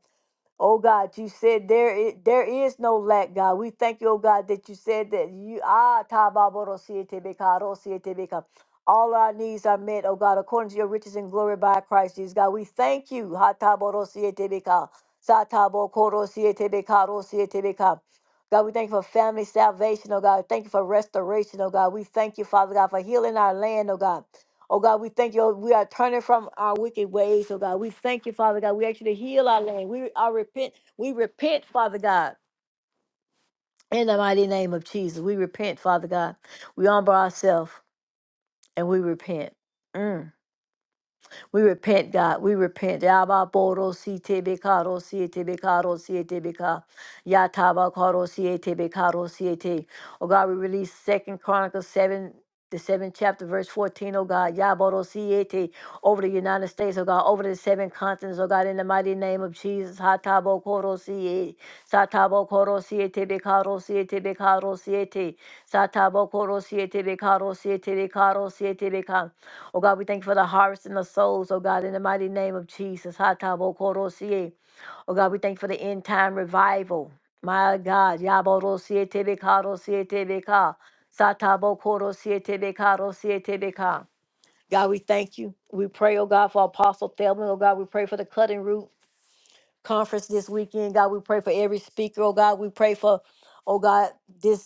Speaker 1: Oh God, you said there is, there is no lack, God. We thank you, oh God, that you said that you ah are all our needs are met, oh God, according to your riches and glory by Christ Jesus. God, we thank you. ha ta bo ro si e sa ta bo ro si e ro si e God, we thank you for family salvation, oh God. Thank you for restoration, oh God. We thank you, Father God, for healing our land, oh God. Oh God, we thank you. oh, We are turning from our wicked ways. Oh God, we thank you, Father God. We actually heal our land. We are repent. We repent, Father God, in the mighty name of Jesus. We repent, Father God. We humble ourselves and we repent. Mm. We repent, God. We repent. Yaba boro si tebe karo si tebe karo si tebe ka. Yataba karo si tebe karo si E, te. Oh God, we release Second Chronicles 7, the 7th chapter, verse 14, oh God. Yaboro si E, te. Over the United States, oh God. Over the seven continents, oh God. In the mighty name of Jesus. Hatabo koro si Satabo koro si tebe karo si tebe karo si E, te. Satabo koro si tebe karo si tebe karo si Oh God, we thank you for the harvest in the souls, oh God, in the mighty name of Jesus. Hatabokorosie. Oh God, we thank you for the end time revival. My God, Yaborosie Tebekarosie Tebeka. Satabokorosie Tebekarosie Tebeka. God, we thank you. We pray, oh God, for Apostle Thelman. Oh God, we pray for the Cutting Root Conference this weekend. God, we pray for every speaker. Oh God, we pray for, oh God, this.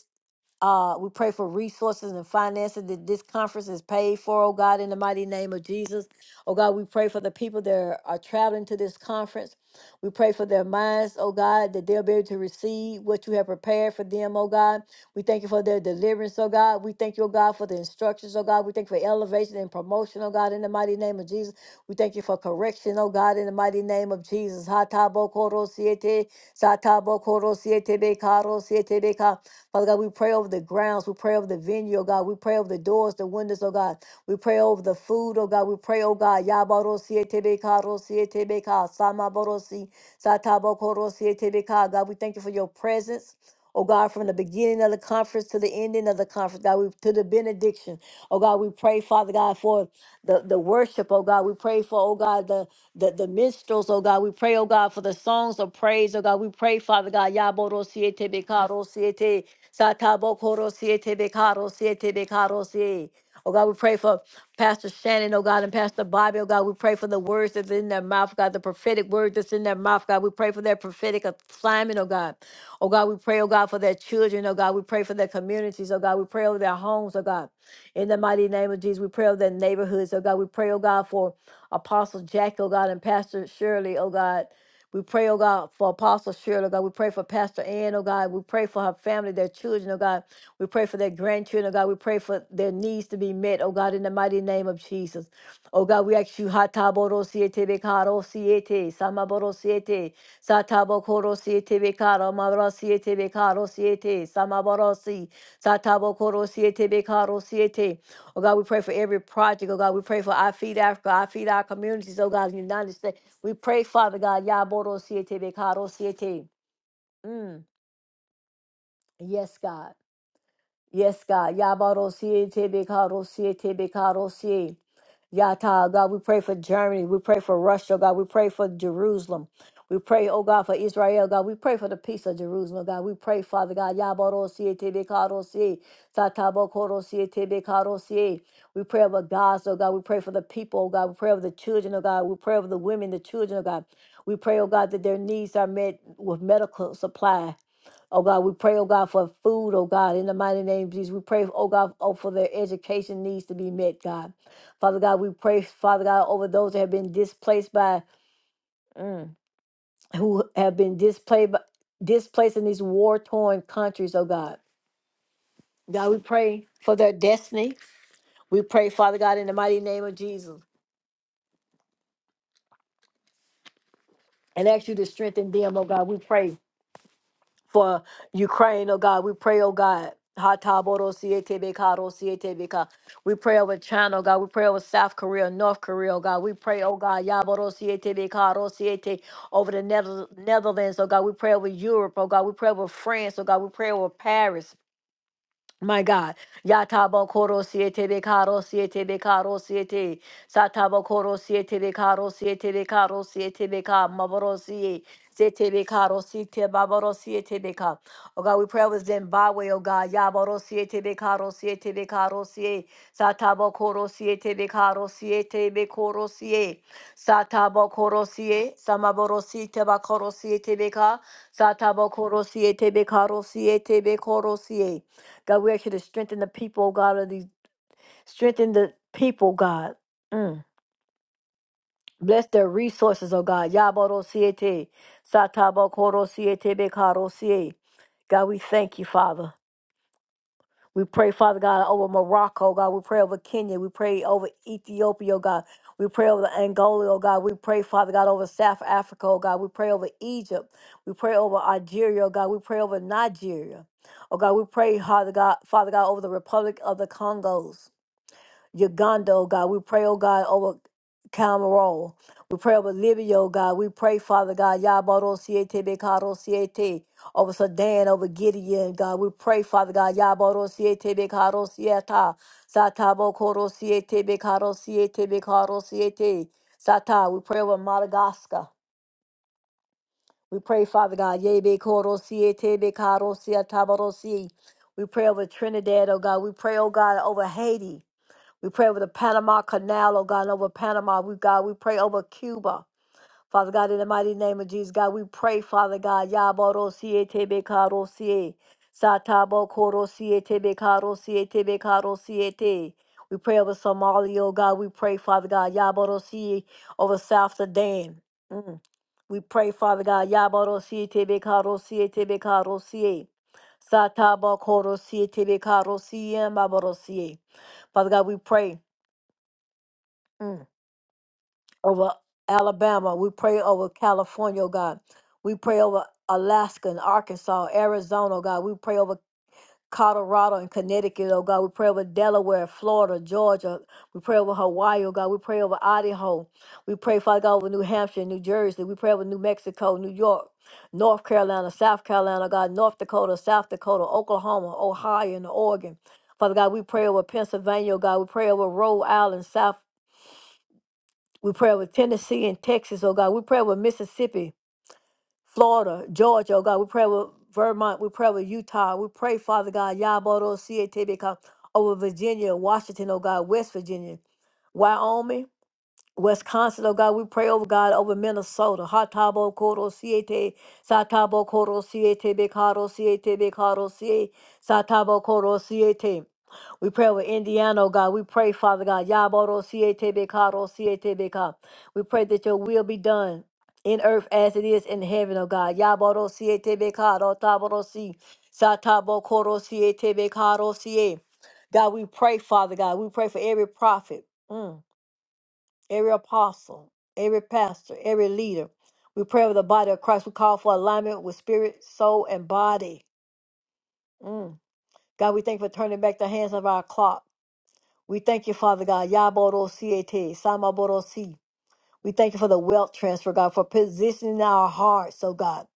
Speaker 1: Uh, we pray for resources and finances that this conference is paid for, oh God, in the mighty name of Jesus. Oh God, we pray for the people that are, are traveling to this conference. We pray for their minds, oh God, that they'll be able to receive what you have prepared for them, oh God. We thank you for their deliverance, oh God. We thank you, oh God, for the instructions, oh God. We thank you for elevation and promotion, oh God, in the mighty name of Jesus. We thank you for correction, oh God, in the mighty name of Jesus. Hatabokoro siete, satabokoro siete bekaro siete beka. Father God, we pray over the grounds. We pray over the venue, oh God. We pray over the doors, the windows, oh God. We pray over the food, oh God. We pray, oh God. Yabaro sietebeka, rosietebeka, samaborosi, sataboko rosietebeka. God, we thank you for your presence. Oh God, from the beginning of the conference to the ending of the conference, God, we to the benediction. Oh God, we pray, Father God, for the, the worship, oh God. We pray for, oh God, the the, the minstrels, oh God. We pray, oh God, for the songs of praise, oh God. We pray, Father God, Yaboro siete becaro siete, Satabo koro siete becaro siete becaro siete. Oh God, we pray for Pastor Shannon, oh God, and Pastor Bobby, oh God, we pray for the words that's in their mouth, God, the prophetic word that's in their mouth, God. We pray for their prophetic assignment, oh God. Oh God, we pray, oh God, for their children, oh God. We pray for their communities, oh God. We pray over their homes, oh God. In the mighty name of Jesus, we pray over their neighborhoods, oh God. We pray, oh God, for Apostle Jackie, oh God, and Pastor Shirley, oh God, we pray, oh God, for Apostle Shirley, oh God. We pray for Pastor Ann, oh God. We pray for her family, their children, oh God. We pray for their grandchildren, oh God. We pray for their needs to be met, oh God, in the mighty name of Jesus. Oh God, we ask you, Hataboro siete bekaro siete, Samaboro siete, Satabo koro siete bekaro, Mabro siete bekaro siete, Samaboro si, Satabo koro siete bekaro siete. Oh God, we pray for every project, oh God. We pray for I Feed Africa, I Feed Our Communities, oh God, in the United States. We pray, Father God, Yaboro Siete Bekaro Siete. Mm, Yes, God. Yes, God. Yabarosie, Tebekarosie, Tebekarosie. Yata, God, we pray for Germany. We pray for Russia, God. We pray for Jerusalem. We pray, oh God, for Israel, God. We pray for the peace of Jerusalem, God. We pray, Father God. Yabarosie, Tebekarosie, Satabokorosie, Tebekarosie. We pray over Gaza, oh God. We pray for the people, oh God. We pray over the children, oh God. We pray over the women, the children, oh God. We pray, oh God, that their needs are met with medical supply. Oh God, we pray, oh God, for food, oh God, in the mighty name of Jesus. We pray, oh God, oh, for their education needs to be met, God. Father God, we pray, Father God, over those that have been displaced by, mm, who have been displaced, by, displaced in these war torn countries, oh God. God, we pray for their destiny. We pray, Father God, in the mighty name of Jesus, and ask you to strengthen them, oh God. We pray for Ukraine, oh God. We pray, oh God. Hataboro siete ro siete We pray over China, oh God. We pray over South Korea, North Korea, oh God. We pray, oh God, Yaboro siete ro siete, over the Nether- Netherlands, oh God. We pray over Europe, oh God. We pray over France, oh God. We pray over Paris. My God, Yatabo Koro Siete Becaro Siete Becaro Siete, Satabo Koro Siete Becaro Siete Becaro Siete Beca, Maboro Sie, Siete Becaro Siete Baboro Siete Beca. Oh God, we pray with Zimbabwe, oh God, Yaboro Siete Becaro Siete Becaro Sie, Satabo Koro Siete Becaro Siete Becoro Sie, Satabo Koro Sie, Samaboro Siete Bacoro Siete Beca, Satabo Koro Siete Becaro Siete Becoro Sie. God, we ask you to strengthen the people, oh God, of these strengthen the people, God. Mm. Bless their resources, oh God. Yaboro siete. Satabo koro siete bekaro siete. God, we thank you, Father. We pray, Father God, over Morocco, oh God. We pray over Kenya. We pray over Ethiopia, oh God. We pray over Angola, oh God. We pray, Father God, over South Africa, oh God. We pray over Egypt. We pray over Algeria, oh God. We pray over Nigeria. Oh God, we pray, Father God, Father God, over the Republic of the Congos. Uganda, oh God. We pray, oh God, over Cameroon. We pray over Libya, oh God. We pray, Father God, Yabaro Siete Bekaro Siete, over Sudan, over Gideon, God. We pray, Father God, Yabaro Siete Bekaro Sieta, Satabo Koro Siete Bekaro Siete Bekaro Siete, Sata. We pray over Madagascar. We pray, Father God, Yebe Koro Siete Bekaro Sieta Baro Si. We pray over Trinidad, oh God. We pray, oh God, over Haiti. We pray over the Panama Canal, oh God, and over Panama. We God, we pray over Cuba. Father God, in the mighty name of Jesus, God, we pray, Father God, Yaborosie Tebe Karosie. Satabo Korosie Tebe Karosie Tebe Karosie Te. We pray over Somalia, oh God. We pray, Father God, Yaborosie over South Sudan. Mm. We pray, Father God, Yaborosie Tebe Karosie Tebe Karosie. Satabo Korosie Tebe Karosie Maborosie. Father God, we pray. Mm. over Alabama. We pray over California, oh God. We pray over Alaska and Arkansas, Arizona, oh God. We pray over Colorado and Connecticut, oh God. We pray over Delaware, Florida, Georgia. We pray over Hawaii, oh God. We pray over Idaho. We pray, Father God, over New Hampshire, New Jersey. We pray over New Mexico, New York, North Carolina, South Carolina, oh God, North Dakota, South Dakota, Oklahoma, Ohio, and Oregon. Father God, we pray over Pennsylvania, oh God. We pray over Rhode Island, South we pray with Tennessee and Texas, oh God. We pray with Mississippi, Florida, Georgia, oh God. We pray with Vermont. We pray with Utah. We pray, Father God, Yabodo, C A T B, over Virginia, Washington, oh God, West Virginia, Wyoming. Wisconsin, oh God, we pray over God over Minnesota. Hatabo Koro Siete, Satabo Koro Siete, Bekaro Siete, Bekaro Siete, Satabo Koro Siete. We pray over Indiana, oh God. We pray, Father God, Yaboro Siete, Bekaro Siete, Beka. We pray that your will be done in earth as it is in heaven, oh God. Yaboro Siete, Bekaro Taboro Si, Satabo Koro Siete, Bekaro Siete. God, we pray, Father God. We pray for every prophet. Mm every apostle, every pastor, every leader. We pray over the body of Christ. We call for alignment with spirit, soul, and body. Mm. God, we thank you for turning back the hands of our clock. We thank you, Father God. Yaboro siete, samaboro si. We thank you for the wealth transfer, God, for positioning our hearts, oh God.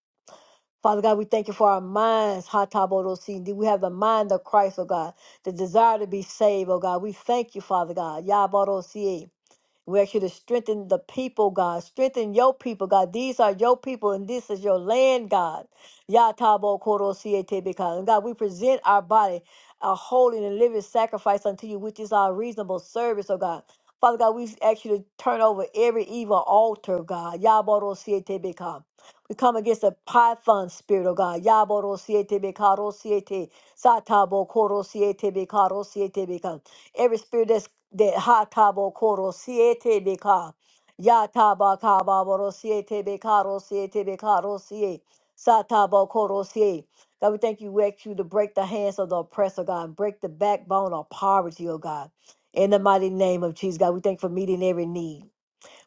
Speaker 1: Father God, we thank you for our minds, hataboro si. Indeed, We have the mind of Christ, oh God, the desire to be saved, oh God. We thank you, Father God. Yaboro We ask you to strengthen the people, God. Strengthen your people, God. These are your people, and this is your land, God. Yatabo koro siete beka. And God, we present our body a holy and living sacrifice unto you, which is our reasonable service, oh God. Father God, we ask you to turn over every evil altar, God. Yaboro siete beka. We come against the python spirit, oh God. Yaboro siete beka, ro siete. Satabo koro siete beka, ro siete beka. Every spirit that's that hatabo koro siete beka. Yataba kaba boro siete beka ro siete beka ro siete. Satabo koro siete. God, we thank you. We ask you to break the hands of the oppressor, God. Break the backbone of poverty, oh God. In the mighty name of Jesus, God, we thank you for meeting every need.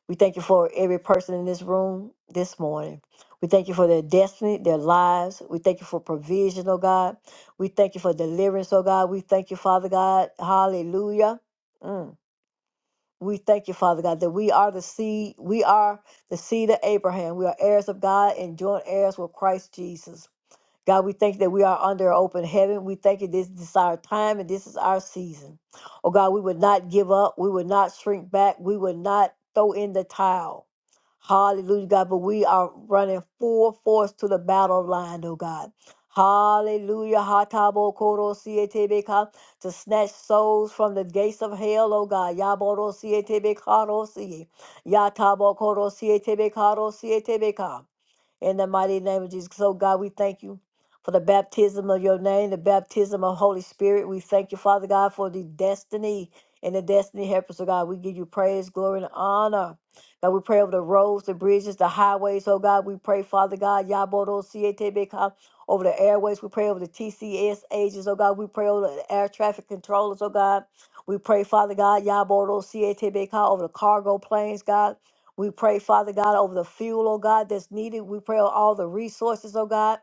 Speaker 1: We thank you for every person in this room this morning. We thank you for their destiny, their lives. We thank you for provision, oh God. We thank you for deliverance, oh God. We thank you, Father God. Hallelujah. Mm. We thank you, Father God, that we are the seed. We are the seed of Abraham. We are heirs of God and joint heirs with Christ Jesus. God, we thank you that we are under open heaven. We thank you this, this is our time and this is our season. Oh God, we would not give up. We would not shrink back. We would not throw in the towel. Hallelujah, God. But we are running full force to the battle line, oh God. Hallelujah. Hatabo koro siete to snatch souls from the gates of hell, oh God. Yaboro siete bekaro siye. Yatabo koro siete bekaro in the mighty name of Jesus. So, God, we thank you for the baptism of your name, the baptism of Holy Spirit. We thank you, Father God, for the destiny and the destiny helpers of God. We give you praise, glory, and honor. God, we pray over the roads, the bridges, the highways. Oh, God, we pray, Father God, Yabodo Sietebeka, over the airways. We pray over the TCS agents. Oh, God, we pray over the air traffic controllers. Oh, God. We pray, Father God, Yabodo Sietebeka, over the cargo planes, God. We pray, Father God, over the fuel, oh God, that's needed. We pray over all the resources, oh God.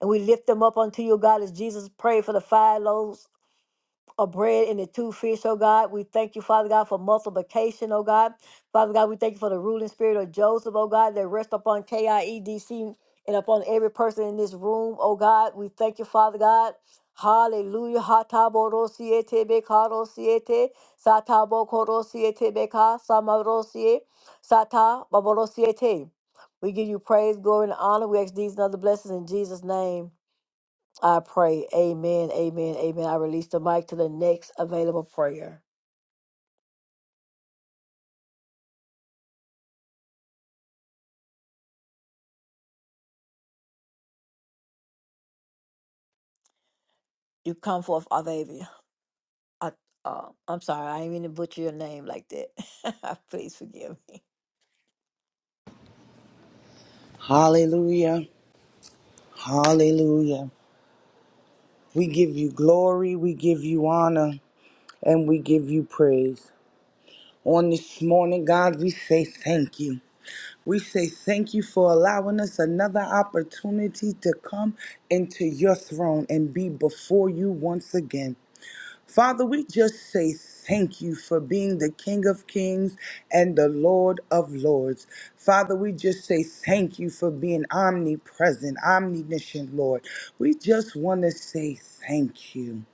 Speaker 1: And we lift them up unto you, oh God, as Jesus prayed for the five loaves of bread and the two fish, oh God. We thank you, Father God, for multiplication, oh God. Father God, we thank you for the ruling spirit of Joseph, oh God, that rests upon KIEDC and upon every person in this room, oh God. We thank you, Father God. Hallelujah. Hatabodosiete bekarosiete, satabokorosiete beka, samarosie, sata baborosiete. We give you praise, glory, and honor. We ask these and other blessings in Jesus' name. I pray. Amen. Amen. Amen. I release the mic to the next available prayer. You come forth, Avavia. I, uh, I'm sorry. I didn't mean to butcher your name like that. Please forgive me.
Speaker 2: Hallelujah. Hallelujah. We give you glory, we give you honor, and we give you praise. On this morning, God, we say thank you. We say thank you for allowing us another opportunity to come into your throne and be before you once again. Father, we just say thank you for being the King of Kings and the Lord of Lords. Father, we just say thank you for being omnipresent, omniscient, Lord. We just want to say thank you.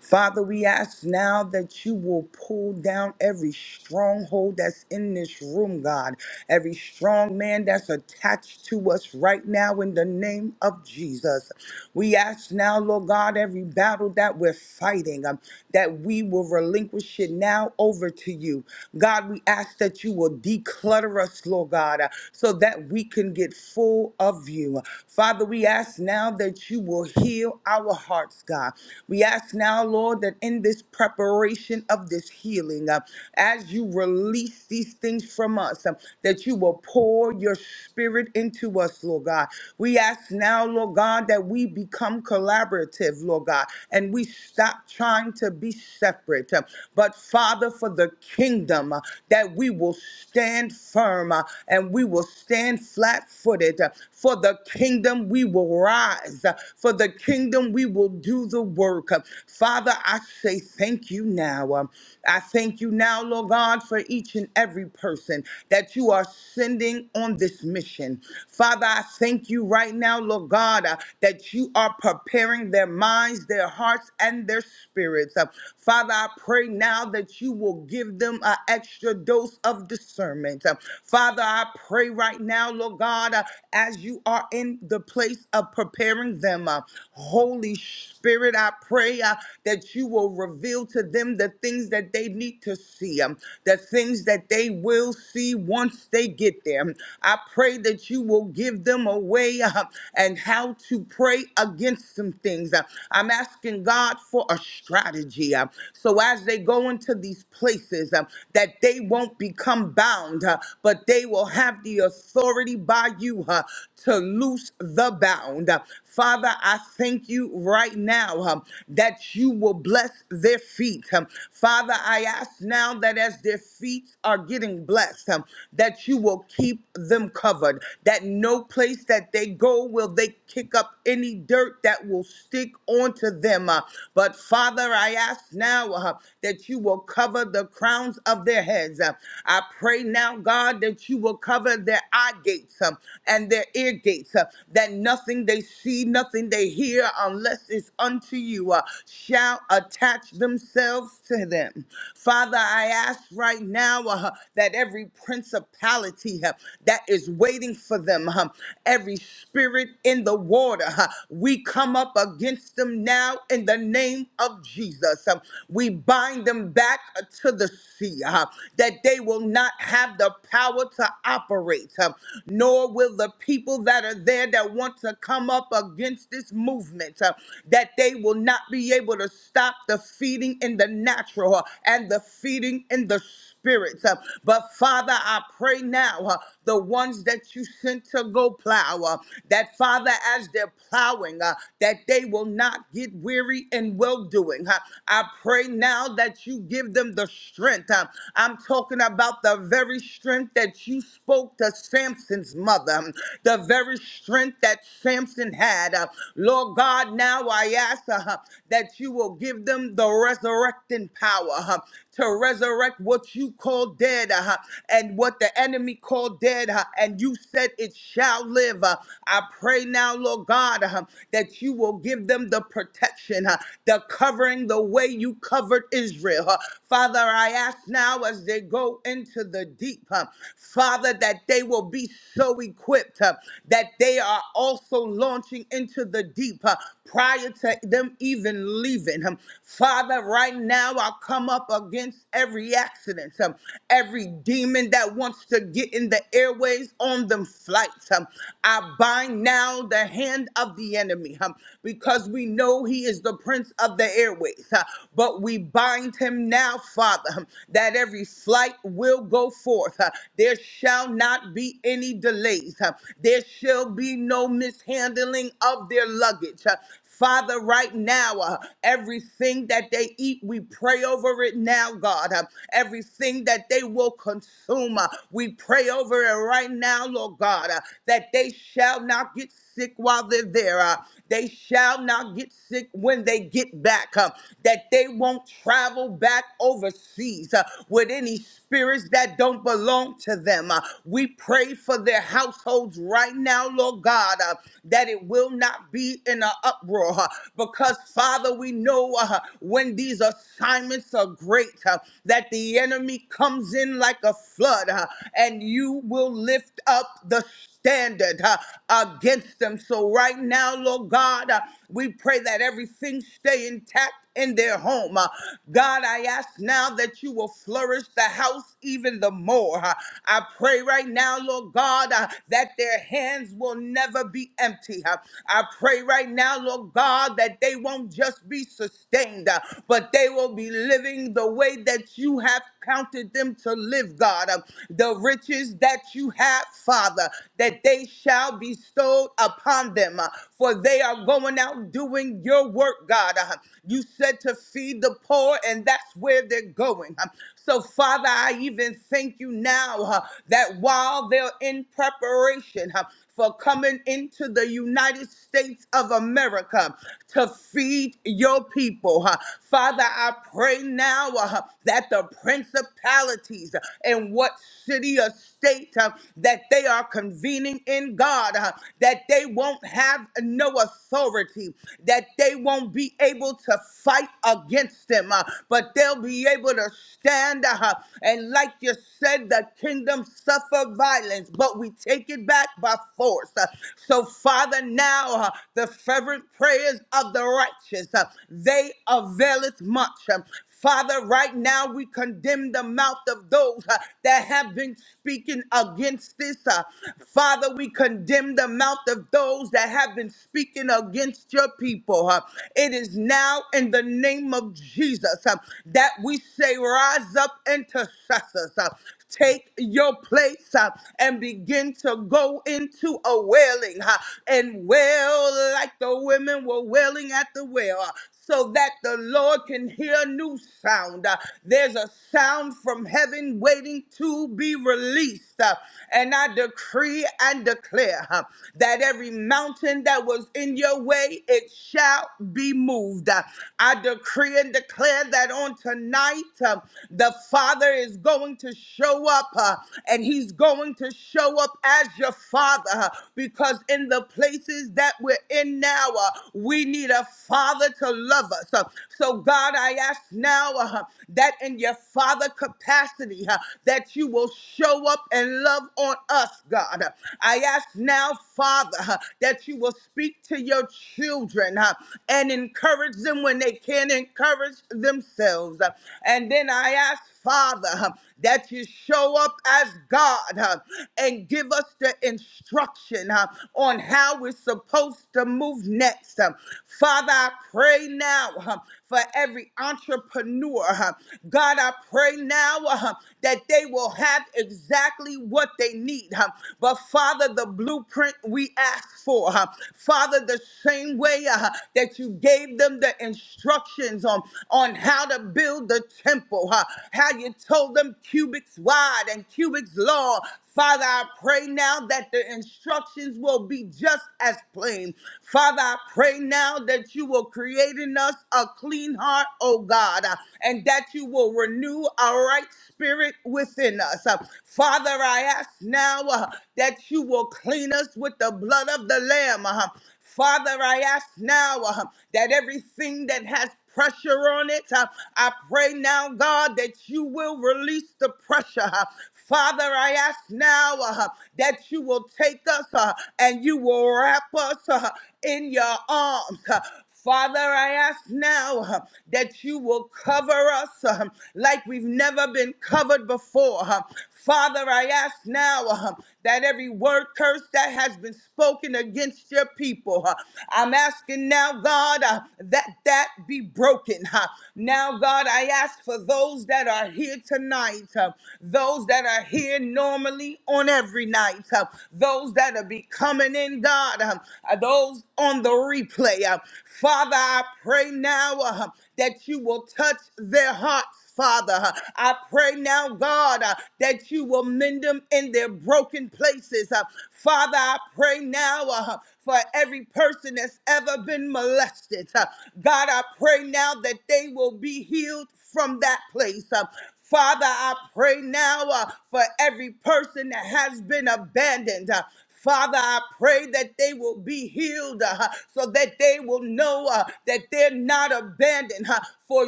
Speaker 2: Father, we ask now that you will pull down every stronghold that's in this room, God, every strong man that's attached to us right now in the name of Jesus. We ask now, Lord God, every battle that we're fighting, um, that we will relinquish it now over to you. God, we ask that you will declutter us, Lord God, uh, so that we can get full of you. Father, we ask now that you will heal our hearts, God. We ask now, Lord, that in this preparation of this healing, uh, as you release these things from us, um, that you will pour your spirit into us, Lord God. We ask now, Lord God, that we become collaborative, Lord God, and we stop trying to be separate. uh, But Father, for the kingdom, uh, that we will stand firm uh, and we will stand flat footed. For the kingdom, we will rise. uh, For the kingdom, we will do the work. uh, Father, I say thank you now. Um, I thank you now, Lord God, for each and every person that you are sending on this mission. Father, I thank you right now, Lord God, uh, that you are preparing their minds, their hearts, and their spirits. Uh, Father, I pray now that you will give them an extra dose of discernment. Uh, Father, I pray right now, Lord God, uh, as you are in the place of preparing them. uh, Holy Spirit, I I pray uh, that you will reveal to them the things that they need to see, um, the things that they will see once they get there. I pray that you will give them a way uh, and how to pray against some things. Uh, I'm asking God for a strategy. uh, so as they go into these places, uh, that they won't become bound, uh, but they will have the authority by you uh, to loose the bound. Father, I thank you right now um, that you will bless their feet. um. Father, I ask now that as their feet are getting blessed, um, that you will keep them covered, that no place that they go will they kick up any dirt that will stick onto them. uh. but Father, I ask now uh, that you will cover the crowns of their heads. uh. I pray now, God, that you will cover their eye gates um, and their ear gates, uh, that nothing they see, nothing they hear, unless it's unto you, uh, shall attach themselves to them. Father, I ask right now uh, that every principality uh, that is waiting for them, uh, every spirit in the water, uh, we come up against them now in the name of Jesus. Uh, we bind them back uh, to the sea, uh, that they will not have the power to operate, uh, nor will the people that are there that want to come up come up against this movement, uh, that they will not be able to stop the feeding in the natural uh, and the feeding in the spirit. uh, But Father, I pray now, uh, the ones that you sent to go plow, uh, that Father, as they're plowing, uh, that they will not get weary in well doing. I pray now that you give them the strength. uh, I'm talking about the very strength that you spoke to Samson's mother, um, the very strength that Samson. Samson had. Uh, Lord God, now I ask uh, that you will give them the resurrecting power uh, to resurrect what you call dead uh, and what the enemy called dead, uh, and you said it shall live. Uh, I pray now, Lord God, uh, that you will give them the protection, uh, the covering, the way you covered Israel. Uh, Father, I ask now as they go into the deep, uh, Father, that they will be so equipped uh, that they are also also launching into the deep uh, prior to them even leaving. Um, Father, right now I come up against every accident, um, every demon that wants to get in the airways on them flights. Um, I bind now the hand of the enemy um, because we know he is the prince of the airways. uh, but we bind him now, Father, um, that every flight will go forth. uh, there shall not be any delays. uh, there shall be no mishandling of their luggage. Uh, Father, right now, uh, everything that they eat, we pray over it now, God. Uh, everything that they will consume, uh, we pray over it right now, Lord God, uh, that they shall not get sick while they're there. uh, they shall not get sick when they get back. uh, that they won't travel back overseas uh, with any spirits that don't belong to them. uh, we pray for their households right now, Lord God, uh, that it will not be in an uproar. uh, because, Father, we know uh, when these assignments are great, uh, that the enemy comes in like a flood, uh, and you will lift up the standard intended uh, against them. So right now, Lord God, uh, we pray that everything stay intact in their home. Uh, God, I ask now that you will flourish the house even the more. Uh, I pray right now, Lord God, uh, that their hands will never be empty. Uh, I pray right now, Lord God, that they won't just be sustained, uh, but they will be living the way that you have counted them to live, God. Uh, the riches that you have Father, that they shall be bestowed upon them, uh, for they are going out doing your work, God. Uh, You said to feed the poor, and that's where they're going. Um, So, Father, I even thank you now uh, that while they're in preparation, uh, for coming into the United States of America to feed your people. huh. Father, I pray now uh, that the principalities uh, in what city or state uh, that they are convening in God, uh, that they won't have no authority, that they won't be able to fight against them, uh, but they'll be able to stand. uh, and like you said, the kingdom suffer violence, but we take it back by force. Uh, So, Father, now uh, the fervent prayers of the righteous, uh, they availeth much. Um, Father, right now we condemn the mouth of those uh, that have been speaking against this. uh, Father, we condemn the mouth of those that have been speaking against your people. uh. It is now in the name of Jesus uh, that we say, Rise up, intercessors. uh. Take your place uh, and begin to go into a wailing uh, and wail like the women were wailing at the well. uh, so that the Lord can hear a new sound. Uh, there's a sound from heaven waiting to be released. Uh, and I decree and declare uh, that every mountain that was in your way, it shall be moved. Uh, I decree and declare that on tonight tonight. Uh, the Father is going to show up uh, and He's going to show up as your Father uh, because in the places that we're in now, uh, we need a Father to love us. Uh, so, God, I ask now uh, that in your Father capacity, uh, that you will show up and love on us, God. I ask now, Father, uh, that you will speak to your children uh, and encourage encourage them when they can't encourage themselves. Uh, And then I ask, Father, uh, that you show up as God uh, and give us the instruction uh, on how we're supposed to move next. Uh, Father, I pray now. uh, for every entrepreneur. huh. God, I pray now uh, huh, that they will have exactly what they need. huh. But Father, the blueprint we ask for, huh. Father, the same way uh, huh, that you gave them the instructions on, on how to build the temple, huh, how you told them cubits wide and cubits long. Father, I pray now that the instructions will be just as plain. Father, I pray now that you will create creating us a clean heart, oh God, uh, and that you will renew a right spirit within us. Uh, Father, I ask now uh, that you will clean us with the blood of the Lamb. uh, Father, I ask now uh, that everything that has pressure on it, uh, I pray now, God, that you will release the pressure. uh. Father, I ask now uh, that you will take us uh, and you will wrap us uh, in your arms. uh. Father, I ask now uh, that you will cover us uh, like we've never been covered before. uh. Father, I ask now uh, that every word curse that has been spoken against your people, uh, I'm asking now, God, uh, that that be broken. uh. Now, God, I ask for those that are here tonight, uh, those that are here normally on every night, uh, those that are be coming in, God, uh, those on on the replay. Uh, Father, I pray now uh, that you will touch their hearts. Father. I pray now, God, uh, that you will mend them in their broken places. Uh, Father, I pray now uh, for every person that's ever been molested. Uh, God, I pray now that they will be healed from that place. Uh, Father, I pray now uh, for every person that has been abandoned. Uh, Father, I pray that they will be healed uh, so that they will know uh, that they're not abandoned. uh, for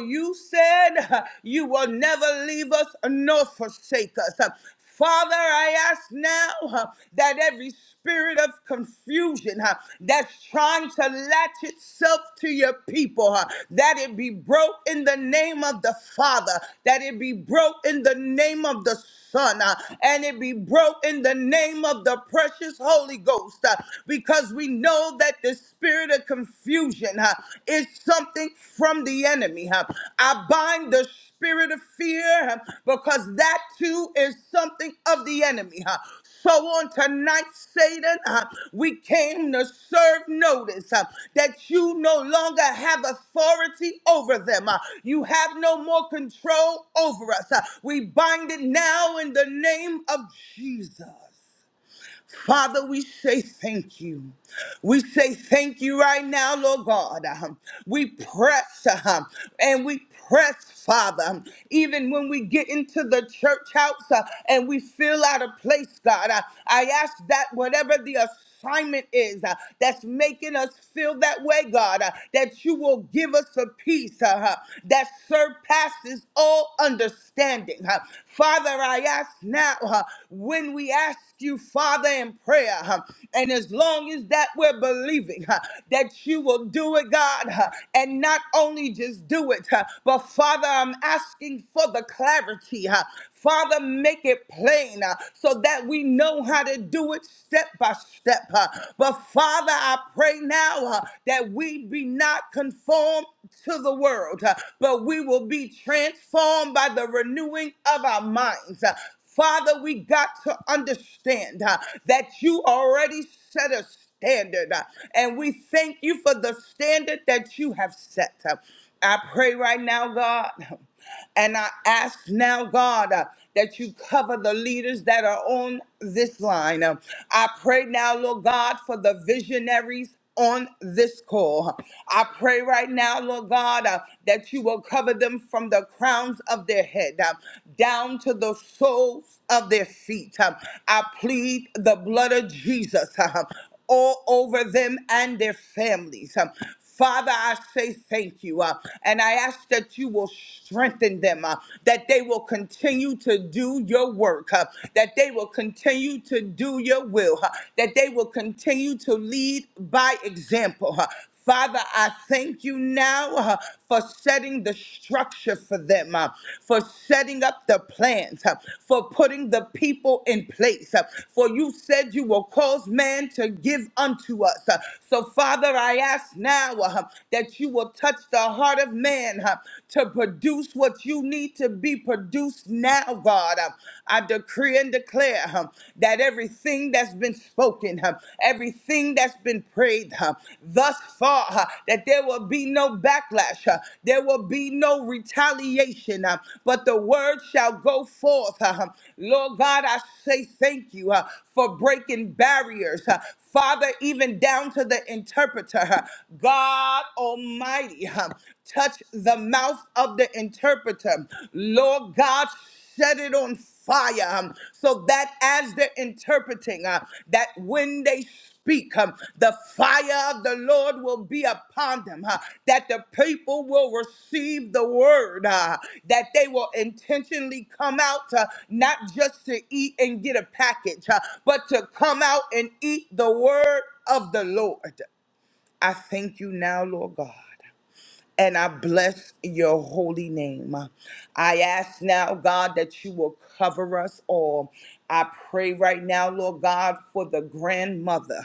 Speaker 2: you said uh, you will never leave us nor forsake us. Uh, Father, I ask now uh, that every spirit of confusion uh, that's trying to latch itself to your people, uh, that it be broke in the name of the Father, that it be broke in the name of the Son, uh, and it be broke in the name of the the precious Holy Ghost uh, because we know that the spirit of confusion uh, is something from the enemy. uh. I bind the spirit of fear uh, because that too is something of the enemy. uh. So on tonight, Satan, uh, we came to serve notice uh, that you no longer have authority over them. uh, you have no more control over us. uh, we bind it now in the name of Jesus. Father, we say thank you. We say thank you right now, Lord God. Um, We press uh, and we press, Father. Um, Even when we get into the church house uh, and we feel out of place, God, I, I ask that whatever the assignment is uh, that's making us feel that way, God, uh, that you will give us a peace uh, uh, that surpasses all understanding. uh. Father, I ask now uh, when we ask you, Father, in prayer, uh, and as long as that we're believing uh, that you will do it, God, uh, and not only just do it, uh, but Father, I'm asking for the clarity. uh, Father, make it plain uh, so that we know know how to do it step by step. uh, But Father, I pray now uh, that we be not conformed to the world, uh, but we will be transformed by the renewing of our minds. Uh, Father, we got to understand uh, that you already set us standard. uh, And we thank you for the standard that you have set. uh. I pray right now, God. And I ask now, God, uh, that you cover the leaders that are on this line. Uh, I pray now, Lord God, for the visionaries. On this call, I pray right now, Lord God, uh, that you will cover them from the crowns of their head uh, down to the soles of their feet. Uh, I plead the blood of Jesus. uh, all over them and their families. Um, Father, I say thank you. uh, and I ask that you will strengthen them, uh, that they will continue to do your work, uh, that they will continue to do your will, uh, that they will continue to lead by example. uh. Father, I thank you now uh, for setting the structure for them, uh, for setting up the plans, uh, for putting the people in place. uh, For you said you will cause man to give unto us. uh, So, Father, I ask now uh, that you will touch the heart of man uh, to produce what you need to be produced now, God. Uh, I decree and declare. uh, that everything that's been spoken, huh, everything that's been prayed huh, thus far, huh, that there will be no backlash, huh, there will be no retaliation, huh, but the word shall go forth. huh. huh. Lord God, I say thank you huh, for breaking barriers. huh. Father, even down to the interpreter, huh. God Almighty, huh, touch the mouth of the interpreter. Lord God, set it on fire um, so that as they're interpreting, uh, that when they speak, um, the fire of the Lord will be upon them, uh, that the people will receive the word, uh, that they will intentionally come out uh, not just to eat and get a package, uh, but to come out and eat the word of the Lord. I thank you now, Lord God and I bless your holy name. I ask now, God, that you will cover us all. I pray right now, Lord God, for the grandmother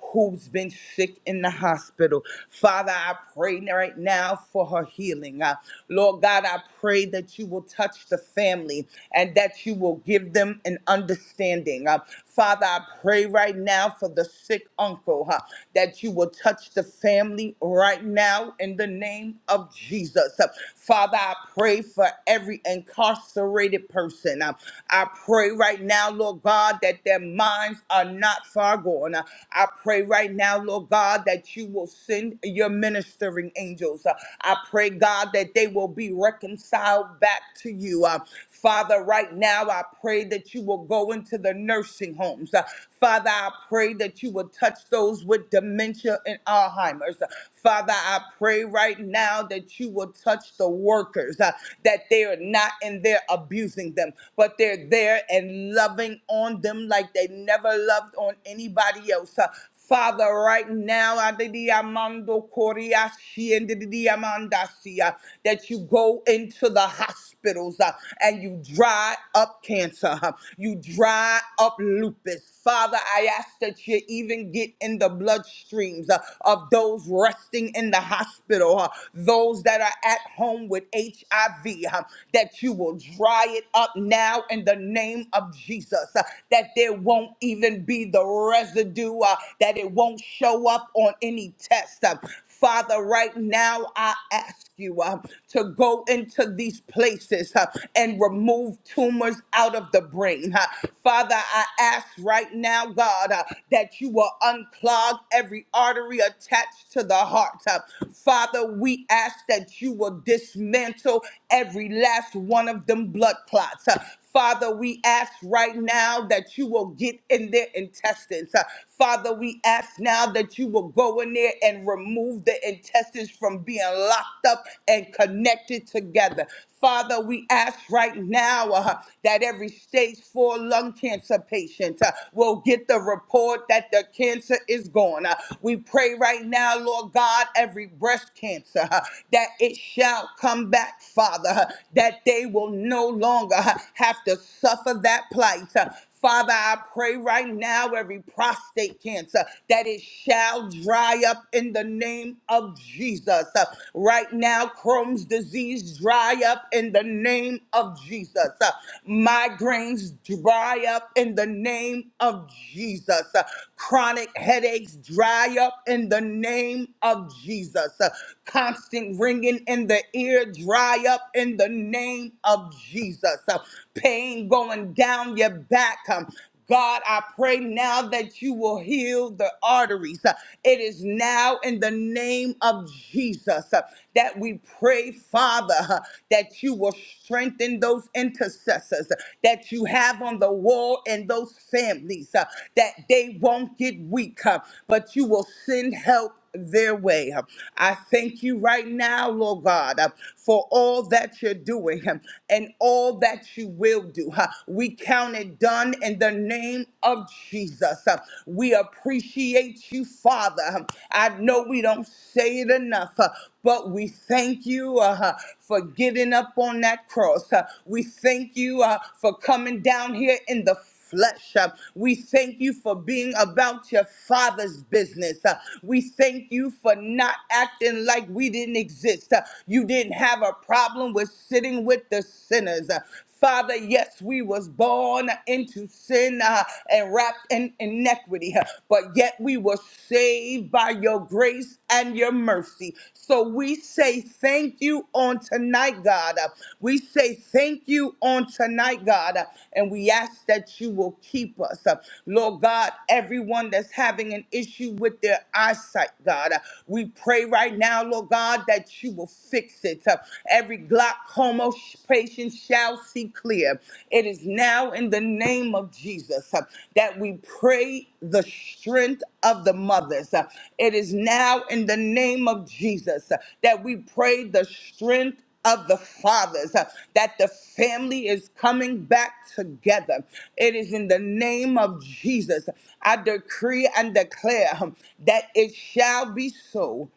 Speaker 2: who's been sick in the hospital. Father, I pray right now for her healing. Uh, Lord God, I pray that you will touch the family and that you will give them an understanding. Uh, Father, I pray right now for the sick uncle huh, that you will touch the family right now in the name name of Jesus. Father, I pray for every incarcerated person. Um, I pray right now, Lord God, that their minds are not far gone. Uh, I pray right now, Lord God, that you will send your ministering angels. Uh, I pray, God, that they will be reconciled back to you. Uh, Father, right now, I pray that you will go into the nursing homes. Uh, Father, I pray that you will touch those with dementia and Alzheimer's. Uh, Father, I pray right now that you will touch the workers, uh, that they are not in there abusing them, but they're there and loving on them like they never loved on anybody else. Uh, Father, right now, adidiamando koriashi and didiamandasia, that you go into the hospitals uh, and you dry up cancer, uh, you dry up lupus. Father, I ask that you even get in the bloodstreams uh, of those resting in the hospital, uh, those that are at home with HIV, uh, that you will dry it up now in the name of Jesus, uh, that there won't even be the the residue uh, that it won't show up on any test. Uh, Father, right now I ask you uh, to go into these places uh, and remove tumors out of the brain. uh. Father, I ask right now, God, uh, that you will unclog every artery attached to the heart. uh. Father, we ask that you will dismantle every last one of them blood clots. uh. Father, we ask right now that you will get in their intestines. Uh, Father, we ask now that you will go in there and remove the intestines from being locked up and connected together. Father, we ask right now uh, that every stage four lung cancer patient uh, will get the report that the cancer is gone. Uh, we pray right now, Lord God, every breast cancer uh, that it shall come back, Father, uh, that they will know no longer have to suffer that plight. Uh, Father, I pray right now every prostate cancer that it shall dry up in the name of Jesus. Uh, Right now, Crohn's disease dry up in the name of Jesus. Uh, Migraines dry up in the name of Jesus. Uh, Chronic headaches dry up in the name of Jesus. Uh, Constant ringing in the ear dry up in the name name of Jesus. Uh, Pain going down your back. Um, God, I pray now that you will heal the arteries. Uh, It is now in the name of Jesus uh, that we pray, Father, uh, that you will strengthen those intercessors uh, that you have on the wall and those families, uh, that they won't get weak, uh, but you will send help their way. I thank you right now, Lord God, uh, for all that you're doing um, and all that you will do. huh. We count it done in the name of Jesus. Uh, We appreciate you, Father. Um, I know we don't say it enough, uh, but we thank you uh, huh, for getting up on that cross. Uh, We thank you uh, for coming down here in the flesh. Uh, We thank you for being about your father's business. Uh, We thank you for not acting like we didn't exist. Uh, You didn't have a problem with sitting with the sinners. Uh, Father, yes, we was born into sin uh, and wrapped in iniquity, uh, but yet we were saved by your grace and your mercy. So we say thank you on tonight, God. We say thank you on tonight, God. And we ask that you will keep us. Lord God, everyone that's having an issue with their eyesight, God, we pray right now, Lord God, that you will fix it. Every glaucoma patient shall see clear. It is now in the name of Jesus uh, that we pray the strength of the mothers. Uh, It is now in the name of Jesus uh, that we pray the strength of the fathers uh, that the family is coming back together. It is in the name of Jesus. I decree and declare um, that it shall be so.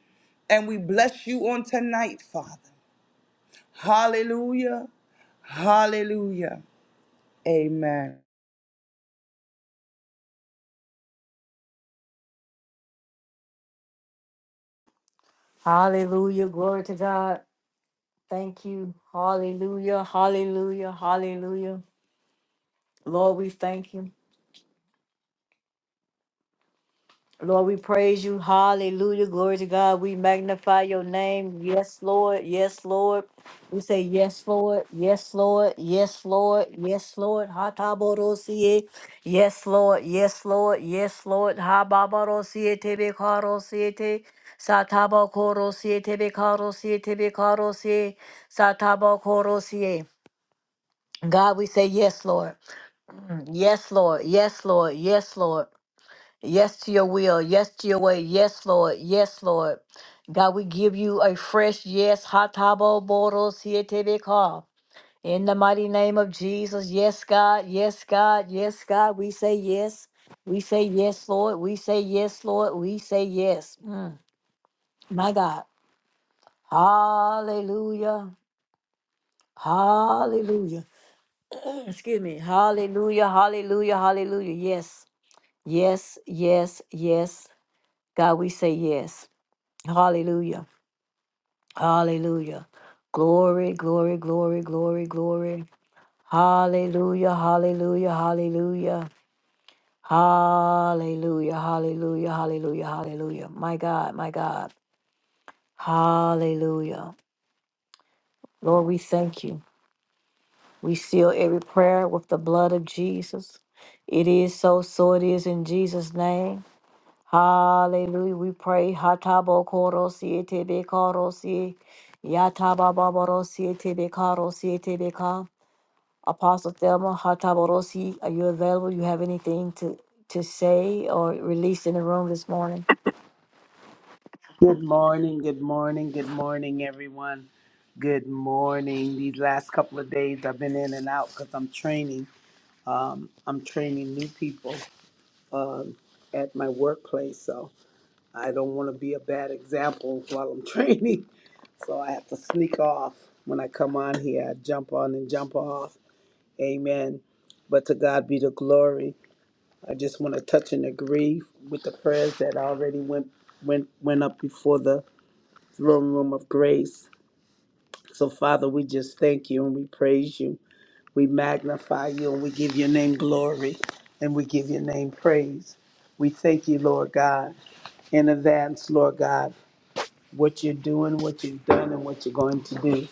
Speaker 2: And we bless you on tonight, Father. Hallelujah. Hallelujah. Amen.
Speaker 1: Hallelujah. Glory to God. Thank you. Hallelujah. Hallelujah. Hallelujah. Lord, we thank you. Lord, we praise you. Hallelujah. Glory to God. We magnify your name. Yes, Lord. Yes, Lord. We say yes, Lord. Yes, Lord. Yes, Lord. Yes, Lord. Hataborosie. Yes, Lord. Yes, Lord. Yes, Lord. Hababorosie tebe karosie te. Satabokorosie tebe karosie tebe karosie. Satabokorosie. God, we say yes, Lord. Yes, Lord. Yes, Lord. Yes, Lord. Yes to your will. Yes to your way. Yes, Lord. Yes, Lord. God, we give you a fresh yes. Hatabo boros yetebeka. In the mighty name of Jesus. Yes, God. Yes, God. Yes, God. We say yes. We say yes, Lord. We say yes, Lord. We say yes. Mm. My God. Hallelujah. Hallelujah. Excuse me. Hallelujah. Hallelujah. Hallelujah. Yes. Yes, yes, yes. God, we say yes. Hallelujah. Hallelujah. Glory, glory, glory, glory, glory. Hallelujah, hallelujah, hallelujah. Hallelujah, hallelujah, hallelujah, hallelujah. My God, my God. Hallelujah. Lord, we thank you. We seal every prayer with the blood of Jesus. It is so, so it is in Jesus' name. Hallelujah. We pray. Hatabo koro siete be koro si. Yataba baboro siete be karo siete be ka. Apostle Thelma, Hataborosi, are you available? You have anything to, to say or release in the room this morning?
Speaker 3: Good morning, good morning, good morning, everyone. Good morning. These last couple of days I've been in and out because I'm training. Um, I'm training new people um, at my workplace, so I don't want to be a bad example while I'm training. So I have to sneak off when I come on here. I jump on and jump off. Amen. But to God be the glory. I just want to touch and agree with the prayers that already went went went up before the throne room of grace. So, Father, we just thank you and we praise you. We magnify you and we give your name glory and we give your name praise. We thank you, Lord God, in advance, Lord God, what you're doing, what you've done, and what you're going to do.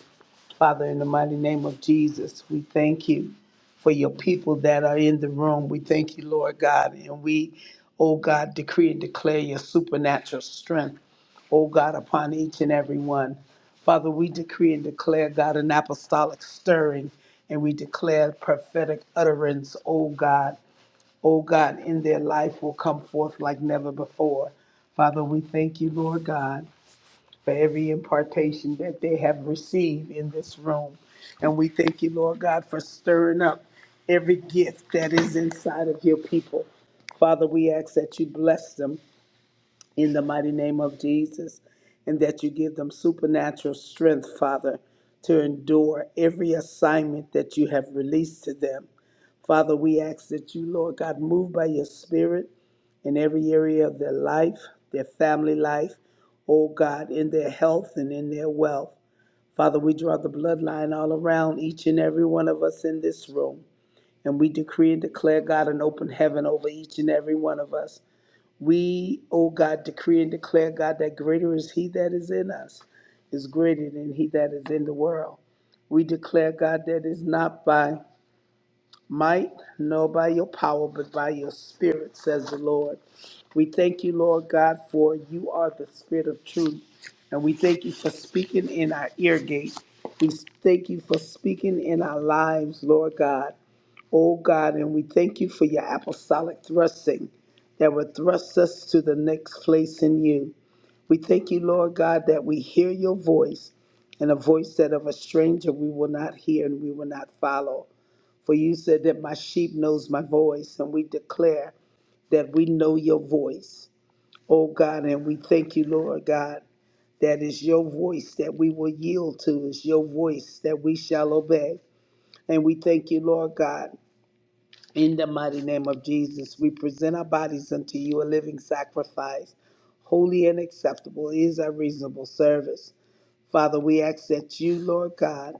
Speaker 3: Father, in the mighty name of Jesus, we thank you for your people that are in the room. We thank you, Lord God. And we, oh God, decree and declare your supernatural strength, oh God, upon each and every one. Father, we decree and declare, God, an apostolic stirring, and we declare prophetic utterance, oh God, oh God, in their life will come forth like never before. Father, we thank you, Lord God for every impartation that they have received in this room. And we thank you, Lord God, for stirring up every gift that is inside of your people. Father, we ask that you bless them in the mighty name of Jesus, and that you give them supernatural strength, Father, to endure every assignment that you have released to them. Father, we ask that you, Lord God, move by your Spirit in every area of their life, their family life, oh God, in their health and in their wealth. Father, we draw the bloodline all around each and every one of us in this room. And we decree and declare, God, an open heaven over each and every one of us. We, O God, decree and declare, God, that greater is He that is in us, is greater than He that is in the world. We declare, God, that is not by might nor by your power, but by your spirit, says the Lord. We thank you, Lord God, for you are the spirit of truth. And we thank you for speaking in our ear gate. We thank you for speaking in our lives, Lord God. Oh God, and we thank you for your apostolic thrusting that will thrust us to the next place in you. We thank you, Lord God, that we hear your voice and a voice that of a stranger we will not hear and we will not follow. For you said that my sheep knows my voice, and we declare that we know your voice. Oh God, and we thank you, Lord God, that is your voice that we will yield to, is your voice that we shall obey. And we thank you, Lord God. In the mighty name of Jesus, we present our bodies unto you a living sacrifice, holy and acceptable is our reasonable service. Father, we ask that you, Lord God,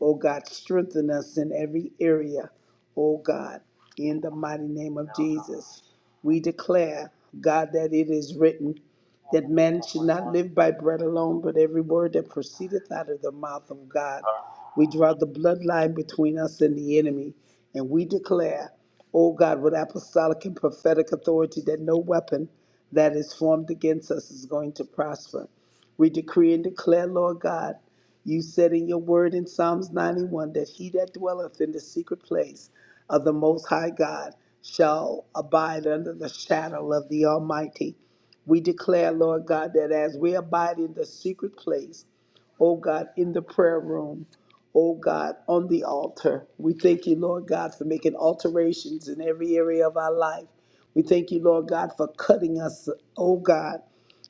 Speaker 3: Oh God, strengthen us in every area. Oh God, in the mighty name of Jesus, we declare, God, that it is written that man should not live by bread alone, but every word that proceedeth out of the mouth of God. We draw the bloodline between us and the enemy, and we declare, O God, with apostolic and prophetic authority, that no weapon that is formed against us is going to prosper. We decree and declare, Lord God, you said in your word in Psalms 91 that he that dwelleth in the secret place of the Most High God shall abide under the shadow of the Almighty. We declare, Lord God, that as we abide in the secret place, oh God, in the prayer room, oh God, on the altar, we thank you, Lord God, for making alterations in every area of our life. We thank you, Lord God, for cutting us, oh God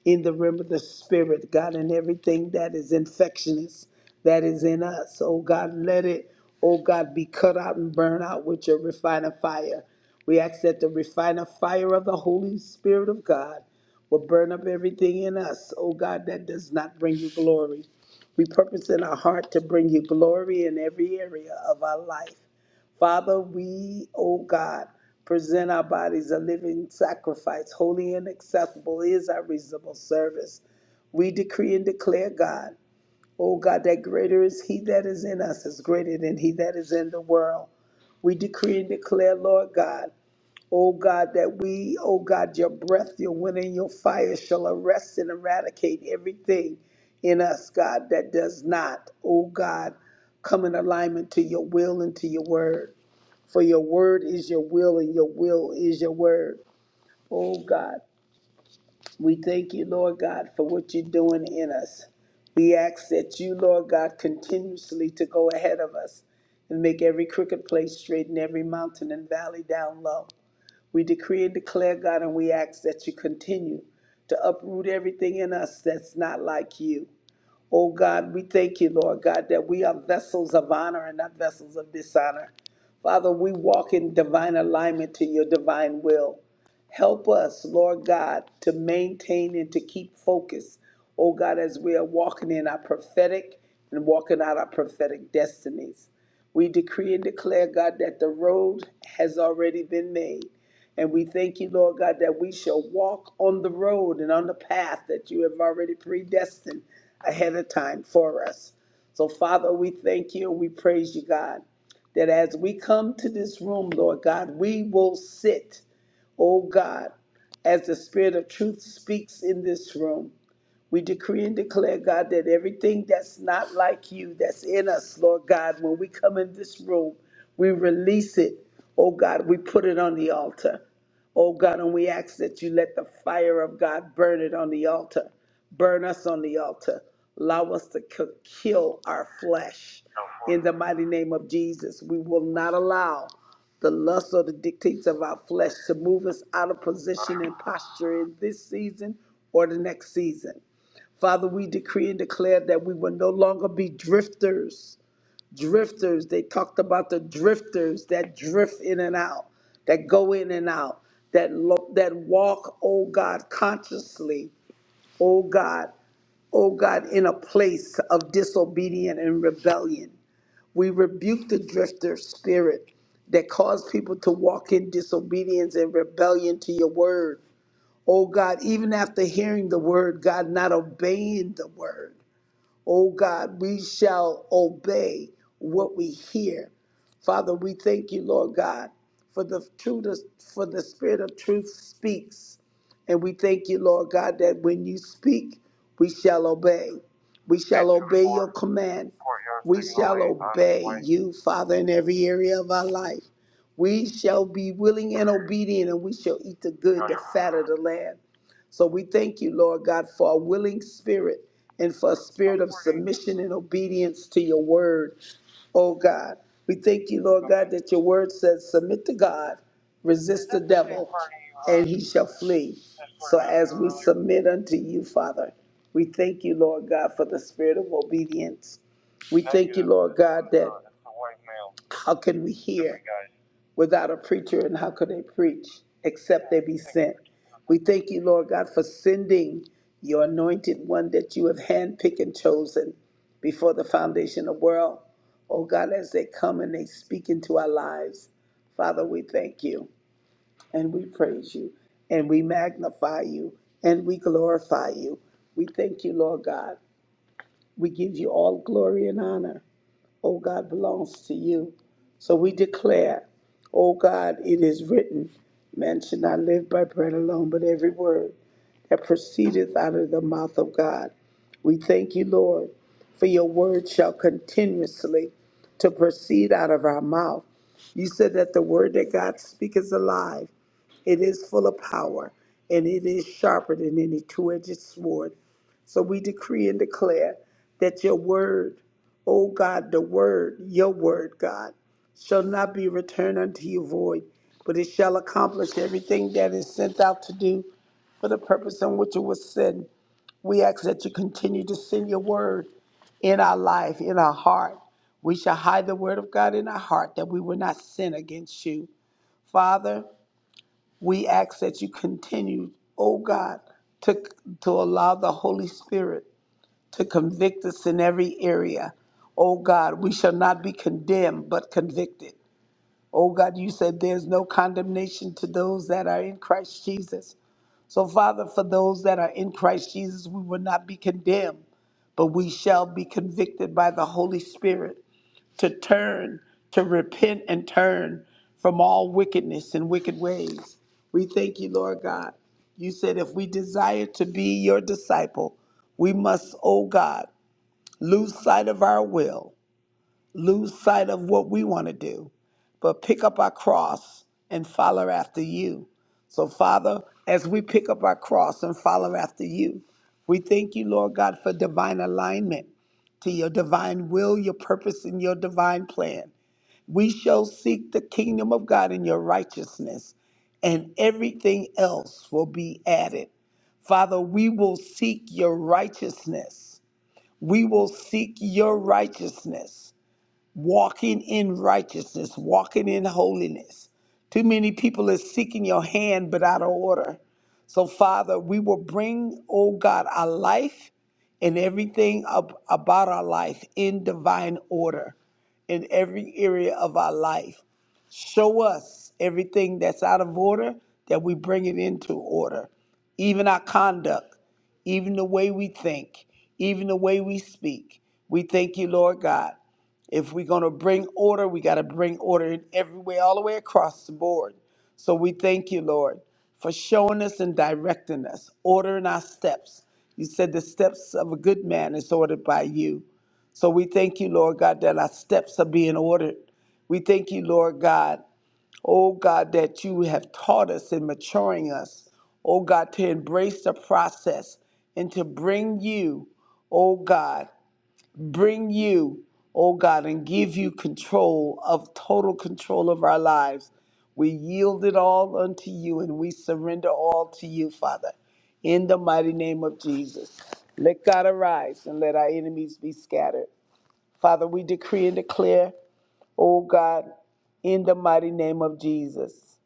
Speaker 3: in the realm of the spirit, God, and everything that is infectious that is in us. Oh God, let it, oh God, be cut out and burn out with your refining fire. We ask that the refining fire of the Holy Spirit of God will burn up everything in us, oh God, that does not bring you glory. We purpose in our heart to bring you glory in every area of our life. Father, we, oh God, present our bodies a living sacrifice, holy and acceptable is our reasonable service. We decree and declare, God, oh God, that greater is He that is in us is greater than He that is in the world. We decree and declare, Lord God, oh God, that we, oh God, your breath, your wind, and your fire shall arrest and eradicate everything in us, God, that does not, oh God, come in alignment to your will and to your word. For your word is your will, and your will is your word. Oh God, we thank you, Lord God, for what you're doing in us. We ask that you, Lord God, continuously to go ahead of us and make every crooked place straight and every mountain and valley down low. We decree and declare, God, and we ask that you continue to uproot everything in us that's not like you. Oh God, we thank you, Lord God, that we are vessels of honor and not vessels of dishonor. Father, we walk in divine alignment to your divine will. Help us, Lord God, to maintain and to keep focus, oh God, as we are walking in our prophetic and walking out our prophetic destinies. We decree and declare, God, that the road has already been made. And we thank you, Lord God, that we shall walk on the road and on the path that you have already predestined ahead of time for us. So, Father, we thank you and we praise you, God, that as we come to this room, Lord God, we will sit, oh God, as the Spirit of truth speaks in this room. We decree and declare, God, that everything that's not like you, that's in us, Lord God, when we come in this room, we release it. Oh God, we put it on the altar. Oh God, and we ask that you let the fire of God burn it on the altar. Burn us on the altar. Allow us to k- kill our flesh. In the mighty name of Jesus, we will not allow the lust or the dictates of our flesh to move us out of position and posture in this season or the next season. Father, we decree and declare that we will no longer be drifters. Drifters, they talked about the drifters that drift in and out, that go in and out, that lo- that walk, oh God, consciously, oh God, oh God, in a place of disobedience and rebellion. We rebuke the drifter spirit that cause people to walk in disobedience and rebellion to your word. Oh God, even after hearing the word, God, not obeying the word. Oh God, we shall obey what we hear. Father, we thank you, Lord God, for the truth for the spirit of truth speaks. And we thank you, Lord God, that when you speak, we shall obey. We shall obey your command. We shall obey you, Father, in every area of our life. We shall be willing and obedient, and we shall eat the good, the fat of the land. So we thank you, Lord God, for a willing spirit and for a spirit of submission and obedience to your word. Oh God, we thank you, Lord God, that your word says, submit to God, resist the devil, and he shall flee. So as we submit unto you, Father, we thank you, Lord God, for the spirit of obedience. We thank you, Lord God, that how can we hear without a preacher, and how could they preach except they be sent? We thank you, Lord God, for sending your anointed one that you have handpicked and chosen before the foundation of the world. Oh God, as they come and they speak into our lives, Father, we thank you and we praise you and we magnify you and we glorify you. We thank you, Lord God. We give you all glory and honor oh God, belongs to you. So we declare, oh God, it is written, man should not live by bread alone, but every word that proceedeth out of the mouth of God. We thank you, Lord, for your word shall continuously to proceed out of our mouth. You said that the word that God speaks is alive it is full of power, and it is sharper than any two edged sword. So we decree and declare that your word, O God, the word, your word, God, shall not be returned unto you void, but it shall accomplish everything that is sent out to do for the purpose on which it was sent. We ask that you continue to send your word in our life, in our heart. We shall hide the word of God in our heart that we will not sin against you. Father, we ask that you continue, oh God, to, to allow the Holy Spirit to convict us in every area. Oh God, we shall not be condemned, but convicted. Oh God, you said there's no condemnation to those that are in Christ Jesus. So, Father, for those that are in Christ Jesus, we will not be condemned, but we shall be convicted by the Holy Spirit to turn, to repent and turn from all wickedness and wicked ways. We thank you, Lord God. You said if we desire to be your disciple, we must, oh God, lose sight of our will, lose sight of what we want to do, but pick up our cross and follow after you. So, Father, as we pick up our cross and follow after you, we thank you, Lord God, for divine alignment to your divine will, your purpose, and your divine plan. We shall seek the kingdom of God in your righteousness, and everything else will be added. Father, we will seek your righteousness. We will seek your righteousness walking in righteousness, walking in holiness. Too many people are seeking your hand but out of order. So, Father, we will bring, oh God, our life and everything ab- about our life in divine order in every area of our life. Show us everything that's out of order that we bring it into order, even our conduct, even the way we think, even the way we speak. We thank you, Lord God. If we're going to bring order, we got to bring order in every way, all the way across the board. So we thank you, Lord, for showing us and directing us, ordering our steps. You said the steps of a good man is ordered by you. So we thank you, Lord God, that our steps are being ordered. We thank you, Lord God, oh God, that you have taught us in maturing us, oh God, to embrace the process and to bring you, oh God, bring you, oh God, and give you control of total control of our lives. We yield it all unto you and we surrender all to you, Father, in the mighty name of Jesus. Let God arise and let our enemies be scattered. Father, we decree and declare O God, in the mighty name of Jesus.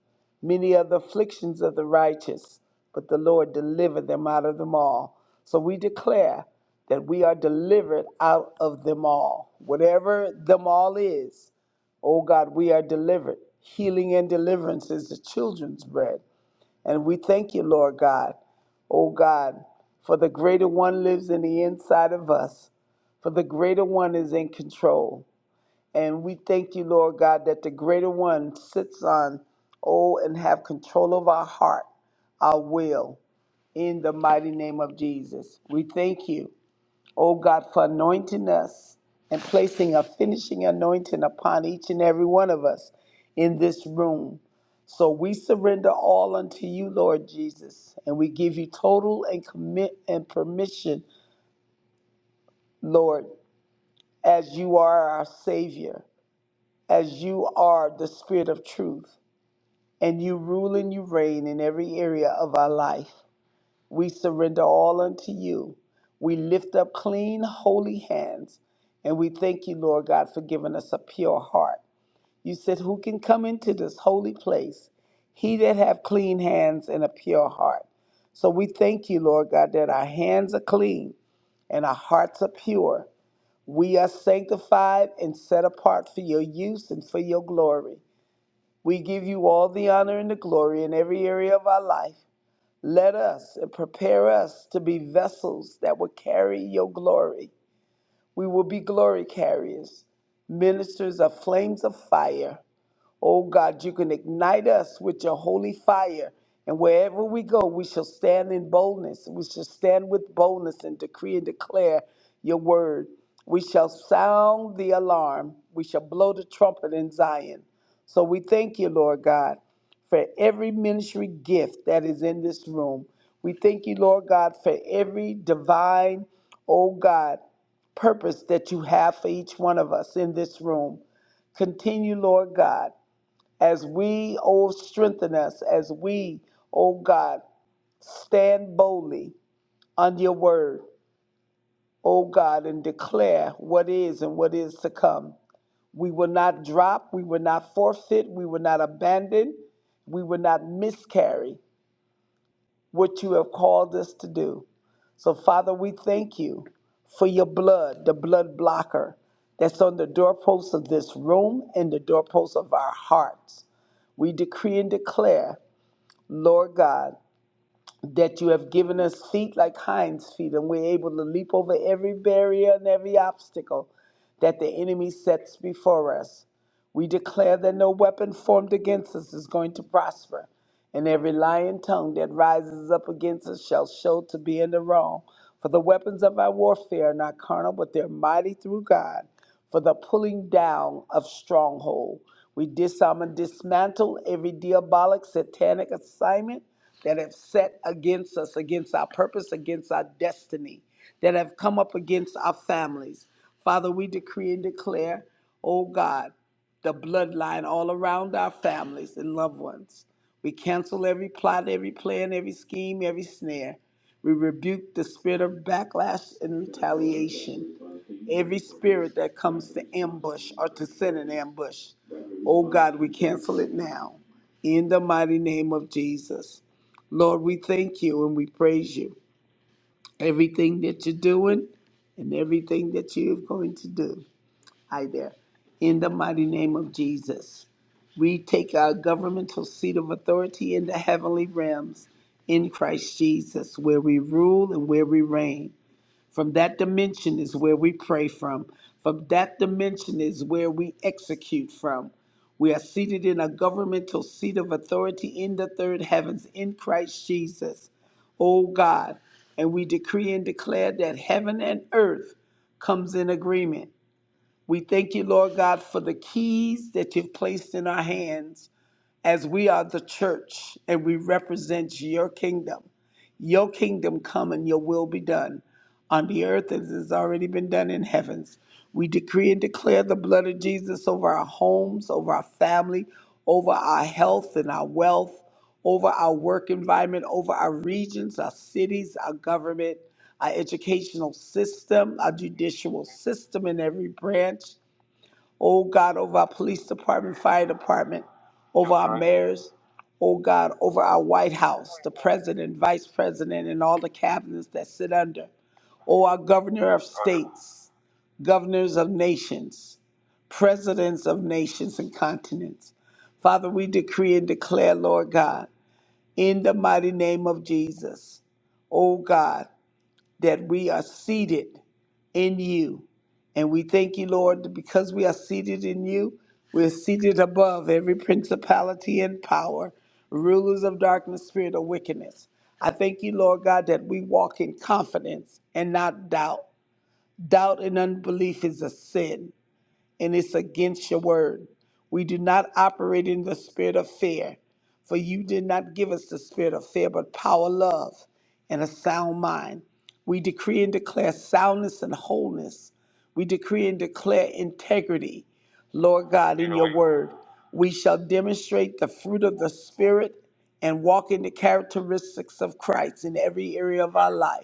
Speaker 3: Many are the afflictions of the righteous, but the Lord delivered them out of them all. So we declare that we are delivered out of them all. Whatever them all is, O God, we are delivered. Healing and deliverance is the children's bread. And we thank you, Lord God, O God, for the greater one lives in the inside of us, for the greater one is in control. And we thank you, Lord God, that the greater one sits on, oh, and have control of our heart, our will, in the mighty name of Jesus. We thank you, oh God, for anointing us and placing a finishing anointing upon each and every one of us in this room. So we surrender all unto you, Lord Jesus, and we give you total and commit and permission, Lord, as you are our Savior. as you are the Spirit of truth, and you rule and you reign in every area of our life. We surrender all unto you. We lift up clean, holy hands, and we thank you, Lord God, for giving us a pure heart. You said, Who can come into this holy place? He that have clean hands and a pure heart. So we thank you, Lord God, that our hands are clean and our hearts are pure. We are sanctified and set apart for your use and for your glory. We give you all the honor and the glory in every area of our life. Let us and prepare us to be vessels that will carry your glory. We will be glory carriers, ministers of flames of fire. Oh God, you can ignite us with your holy fire. And wherever we go, we shall stand in boldness. We shall stand with boldness and decree and declare your word. We shall sound the alarm. We shall blow the trumpet in Zion. So we thank you, Lord God, for every ministry gift that is in this room. We thank you, Lord God, for every divine, oh God, purpose that you have for each one of us in this room. Continue, Lord God as we, oh, strengthen us, as we, oh God, stand boldly on your word, oh God, and declare what is and what is to come. We will not drop, we will not forfeit, we will not abandon, we will not miscarry what you have called us to do. So, Father, we thank you for your blood, the blood blocker that's on the doorposts of this room and the doorposts of our hearts. We decree and declare Lord God, that you have given us feet like hinds feet, and we're able to leap over every barrier and every obstacle that the enemy sets before us. We declare that no weapon formed against us is going to prosper, and every lying tongue that rises up against us shall show to be in the wrong. For the weapons of our warfare are not carnal, but they're mighty through God for the pulling down of stronghold. We disarm and dismantle every diabolic satanic assignment that have set against us, against our purpose, against our destiny, that have come up against our families. Father, we decree and declare, oh God, the bloodline all around our families and loved ones. We cancel every plot, every plan, every scheme, every snare. We rebuke the spirit of backlash and retaliation. Every spirit that comes to ambush or to send an ambush, oh God, we cancel it now in the mighty name of Jesus. Lord, we thank you and we praise you. Everything that you're doing and everything that you're going to do. Hi there. In the mighty name of Jesus. We take our governmental seat of authority in the heavenly realms in Christ Jesus, where we rule and where we reign. From that dimension is where we pray from. From that dimension is where we execute from. We are seated in a governmental seat of authority in the third heavens in Christ Jesus. O God, and we decree and declare that heaven and earth comes in agreement. We thank you, Lord God, for the keys that you've placed in our hands as we are the church and we represent your kingdom. Your kingdom come and your will be done on the earth as it's already been done in heavens. We decree and declare the blood of Jesus over our homes, over our family, over our health and our wealth, over our work environment, over our regions, our cities, our government, our educational system, our judicial system in every branch. Oh God, over our police department, fire department, over our mayors, oh God, over our White House, the president, vice president, and all the cabinets that sit under. Oh, our governor of states, governors of nations, presidents of nations and continents. Father, we decree and declare, Lord God, in the mighty name of Jesus, oh God that we are seated in you. And we thank you, Lord, that because we are seated in you, we're seated above every principality and power, rulers of darkness, spirit of wickedness. I thank you, Lord God, that we walk in confidence and not doubt. Doubt and unbelief is a sin and it's against your word. We do not operate in the spirit of fear, for you did not give us the spirit of fear, but power, love, and a sound mind. We decree and declare soundness and wholeness. We decree and declare integrity, Lord God, in your word. We shall demonstrate the fruit of the Spirit and walk in the characteristics of Christ in every area of our life.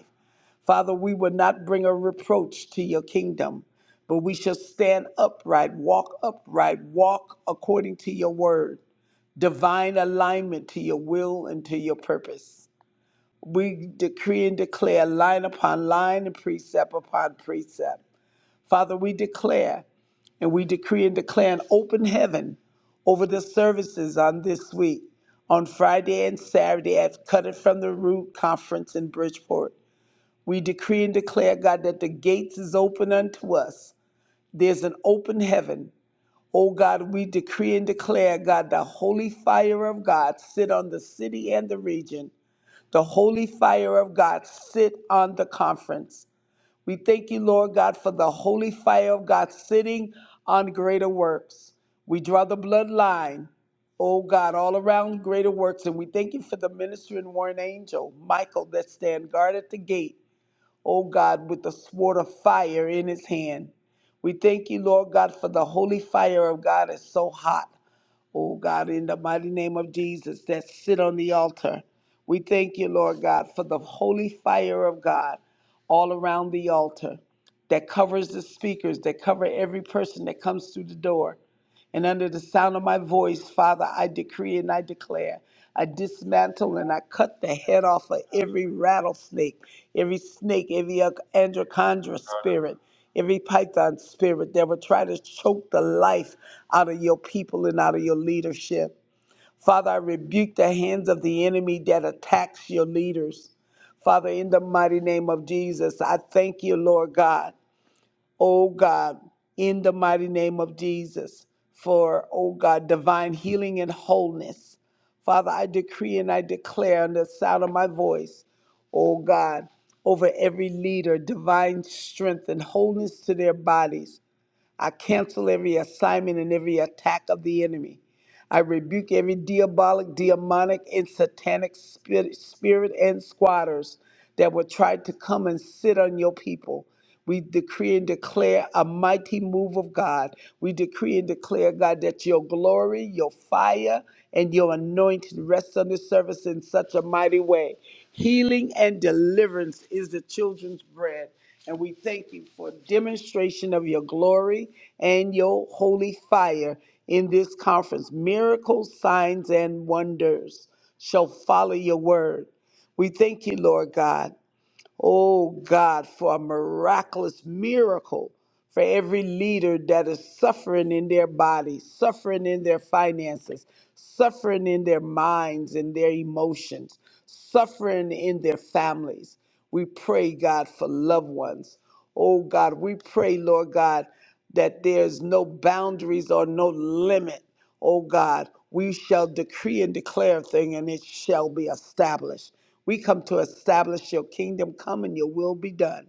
Speaker 3: Father, we will not bring a reproach to your kingdom, but we shall stand upright, walk upright, walk according to your word, divine alignment to your will and to your purpose. We decree and declare line upon line and precept upon precept. Father, we declare and we decree and declare an open heaven over the services on this week, on Friday and Saturday at Cut It From the Root Conference in Bridgeport. We decree and declare, God, that the gates is open unto us. There's an open heaven. Oh God, we decree and declare, God, the holy fire of God sit on the city and the region. The holy fire of God sit on the conference. We thank you, Lord God, for the holy fire of God sitting on greater works. We draw the bloodline oh God, all around greater works. And we thank you for the minister and warring angel, Michael, that stand guard at the gate oh God, with the sword of fire in his hand. We thank you, Lord God, for the holy fire of God is so hot oh God, in the mighty name of Jesus, that sit on the altar. We thank you, Lord God, for the holy fire of God all around the altar that covers the speakers, that cover every person that comes through the door. And under the sound of my voice, Father, I decree and I declare, I dismantle and I cut the head off of every rattlesnake, every snake, every ach- androchondra spirit. Every python spirit that would try to choke the life out of your people and out of your leadership. Father, I rebuke the hands of the enemy that attacks your leaders. Father, in the mighty name of Jesus, I thank you, Lord God oh God, in the mighty name of Jesus, for, oh God, divine healing and wholeness. Father, I decree and I declare on the sound of my voice, oh God, over every leader, divine strength and wholeness to their bodies. I cancel every assignment and every attack of the enemy. I rebuke every diabolic, demonic, and satanic spirit, spirit and squatters that would try to come and sit on your people. We decree and declare a mighty move of God. We decree and declare, God, that your glory, your fire, and your anointing rests on this service in such a mighty way. Healing and deliverance is the children's bread. And we thank you for demonstration of your glory and your holy fire in this conference. Miracles, signs, and wonders shall follow your word. We thank you, Lord God. Oh God, for a miraculous miracle for every leader that is suffering in their body, suffering in their finances, suffering in their minds and their emotions, suffering in their families. We pray, God, for loved ones. Oh God, we pray, Lord God, that there's no boundaries or no limit. Oh God, we shall decree and declare a thing and it shall be established. We come to establish your kingdom come and your will be done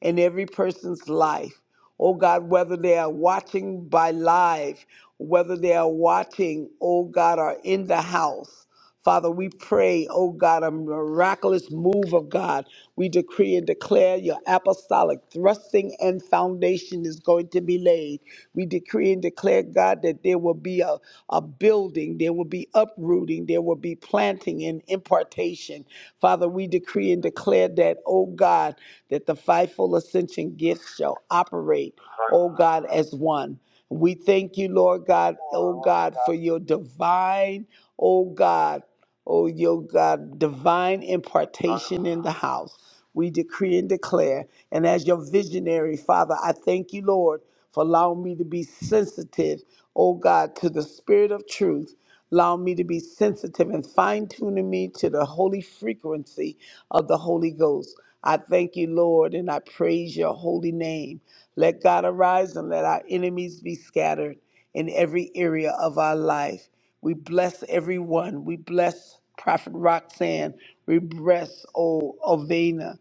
Speaker 3: in every person's life. Oh God, whether they are watching by live, whether they are watching, oh God, are in the house. Father, we pray, oh God, a miraculous move of God. We decree and declare your apostolic thrusting and foundation is going to be laid. We decree and declare, God, that there will be a, a building, there will be uprooting, there will be planting and impartation. Father, we decree and declare that, oh God, that the fivefold ascension gifts shall operate, oh God, as one. We thank you, Lord God, oh God, for your divine, oh God. Oh, your God, divine impartation in the house. We decree and declare. And as your visionary, Father, I thank you, Lord, for allowing me to be sensitive, oh God, to the spirit of truth. Allow me to be sensitive and fine tuning me to the holy frequency of the Holy Ghost. I thank you, Lord, and I praise your holy name. Let God arise and let our enemies be scattered in every area of our life. We bless everyone. We bless Prophet Roxanne. We bless old Ovena,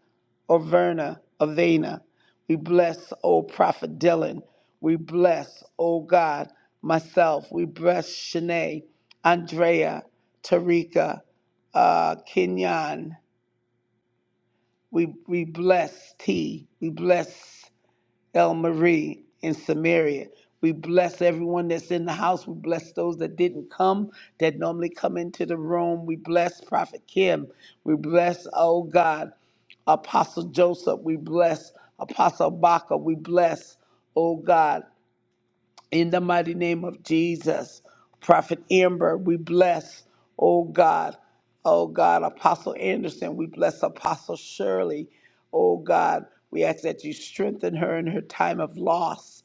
Speaker 3: Overna, Avena. We bless old Prophet Dylan. We bless, oh God, myself. We bless Shanae, Andrea, Tarika, uh, Kenyon. We, we bless T. We bless El Marie in Samaria. We bless everyone that's in the house. We bless those that didn't come, that normally come into the room. We bless Prophet Kim. We bless, oh God, Apostle Joseph. We bless Apostle Baca. We bless, oh God. In the mighty name of Jesus, Prophet Amber, we bless, oh God, oh God, Apostle Anderson, we bless Apostle Shirley, oh God, we ask that you strengthen her in her time of loss.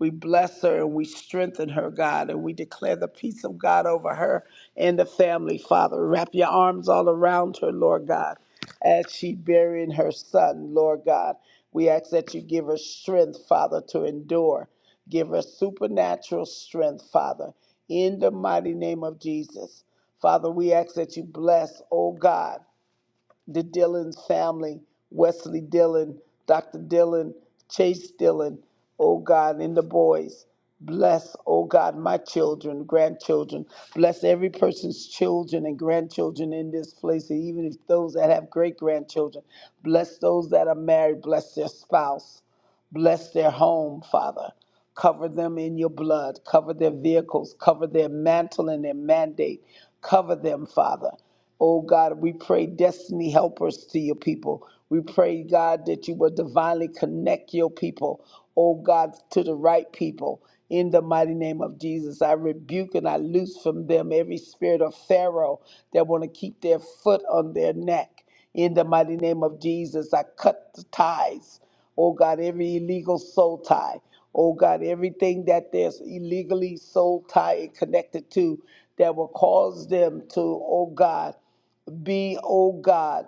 Speaker 3: We bless her and we strengthen her, God, and we declare the peace of God over her and the family, Father. Wrap your arms all around her, Lord God, as she burying her son, Lord God. We ask that you give her strength, Father, to endure. Give her supernatural strength, Father, in the mighty name of Jesus. Father, we ask that you bless, oh God the Dillon family, Wesley Dillon, Dr. Dillon, Chase Dillon, oh God, and the boys. Bless, oh God, my children, grandchildren. Bless every person's children and grandchildren in this place, and even if those that have great grandchildren. Bless those that are married. Bless their spouse. Bless their home, Father. Cover them in your blood. Cover their vehicles. Cover their mantle and their mandate. Cover them, Father. Oh God, we pray destiny helpers to your people. We pray, God, that you will divinely connect your people, oh God, to the right people. In the mighty name of Jesus, I rebuke and I loose from them every spirit of Pharaoh that want to keep their foot on their neck. In the mighty name of Jesus, I cut the ties. Oh God, every illegal soul tie. Oh God, everything that there's illegally soul tie and connected to that will cause them to, oh God, be, oh God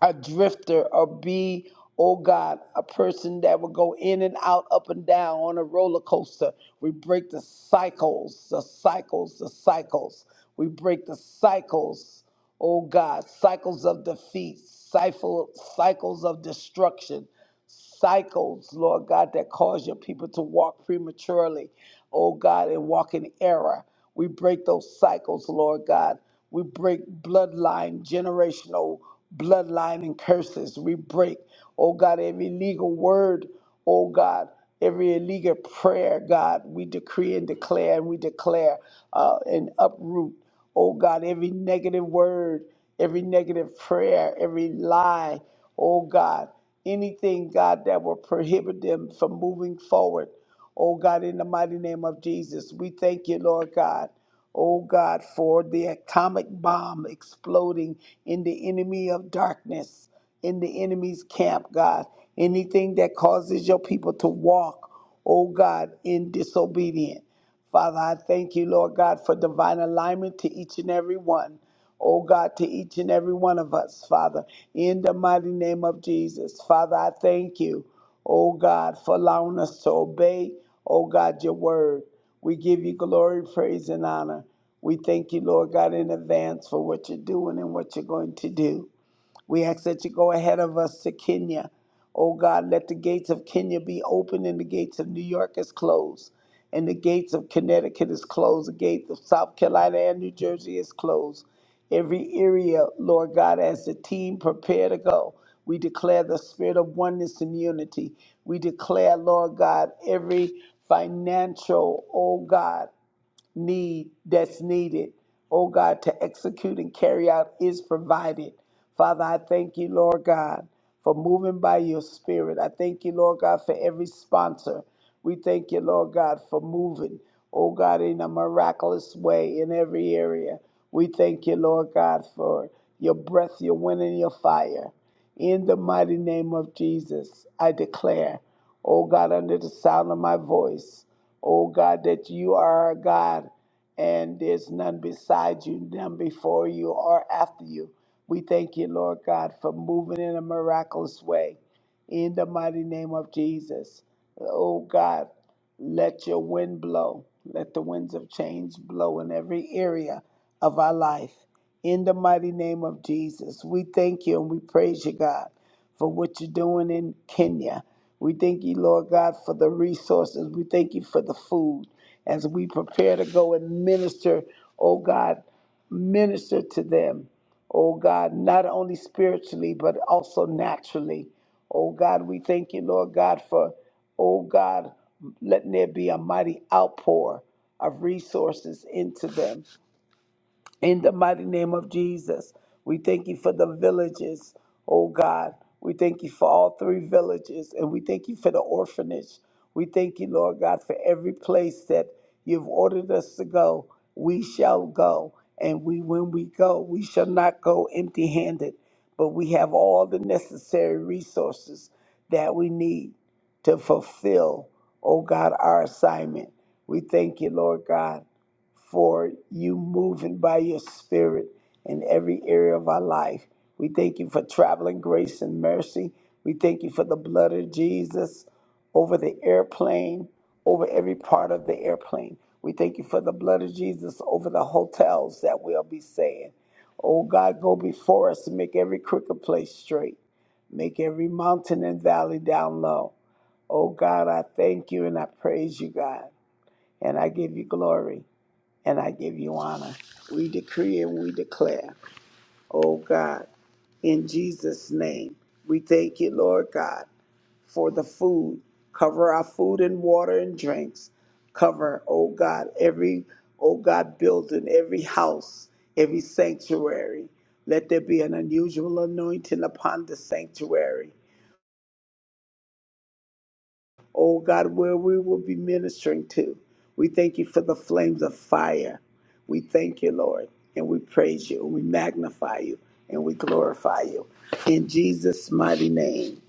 Speaker 3: a drifter or be, oh God, a person that will go in and out, up and down on a roller coaster. We break the cycles, the cycles, the cycles. We break the cycles, oh God, cycles of defeat, cycle, cycles of destruction, cycles, Lord God, that cause your people to walk prematurely, oh God, and walk in error. We break those cycles, Lord God. We break bloodline, generational bloodline and curses. We break, oh God, every legal word, oh God, every illegal prayer, God. We decree and declare and we declare uh, and uproot, oh God, every negative word, every negative prayer, every lie. Oh God, anything, God, that will prohibit them from moving forward. Oh God, in the mighty name of Jesus, we thank you, Lord God. Oh God, for the atomic bomb exploding in the enemy of darkness, in the enemy's camp, God. Anything that causes your people to walk, oh God, in disobedience. Father, I thank you, Lord God, for divine alignment to each and every one. Oh God, to each and every one of us, Father, in the mighty name of Jesus. Father, I thank you, oh God, for allowing us to obey, oh God, your word. We give you glory, praise, and honor. We thank you, Lord God, in advance for what you're doing and what you're going to do. We ask that you go ahead of us to Kenya. Oh God, let the gates of Kenya be open and the gates of New York is closed. And the gates of Connecticut is closed. The gates of South Carolina and New Jersey is closed. Every area, Lord God, as the team prepare to go, we declare the spirit of oneness and unity. We declare, Lord God, every financial, oh God, need that's needed, oh God, to execute and carry out is provided. Father, I thank you, Lord God, for moving by your spirit. I thank you, Lord God, for every sponsor. We thank you, Lord God, for moving, oh God, in a miraculous way in every area. We thank you, Lord God, for your breath, your wind, and your fire. In the mighty name of Jesus, I declare, oh God, under the sound of my voice, oh God, that you are our God and there's none beside you, none before you or after you. We thank you, Lord God, for moving in a miraculous way. In the mighty name of Jesus, oh God, let your wind blow. Let the winds of change blow in every area of our life. In the mighty name of Jesus, we thank you and we praise you, God, for what you're doing in Kenya. We thank you, Lord God, for the resources. We thank you for the food as we prepare to go and minister, oh God, minister to them, oh God, not only spiritually, but also naturally. Oh God, we thank you, Lord God, for, oh God, letting there be a mighty outpour of resources into them. In the mighty name of Jesus, we thank you for the villages, oh God. We thank you for all three villages, and we thank you for the orphanage. We thank you, Lord God, for every place that you've ordered us to go. We shall go, and we, when we go, we shall not go empty handed, but we have all the necessary resources that we need to fulfill, oh God, our assignment. We thank you, Lord God for you moving by your spirit in every area of our life. We thank you for traveling grace and mercy. We thank you for the blood of Jesus over the airplane, over every part of the airplane. We thank you for the blood of Jesus over the hotels that we'll be staying. Oh God, go before us and make every crooked place straight. Make every mountain and valley down low. Oh God, I thank you and I praise you, God, and I give you glory and I give you honor. We decree and we declare, oh God, in Jesus' name, we thank you, Lord God, for the food. Cover our food and water and drinks. Cover, oh God, every, oh God, building, every house, every sanctuary. Let there be an unusual anointing upon the sanctuary. oh God, where we will be ministering to. We thank you for the flames of fire. We thank you, Lord, and we praise you, and we magnify you, and we glorify you. In Jesus' mighty name,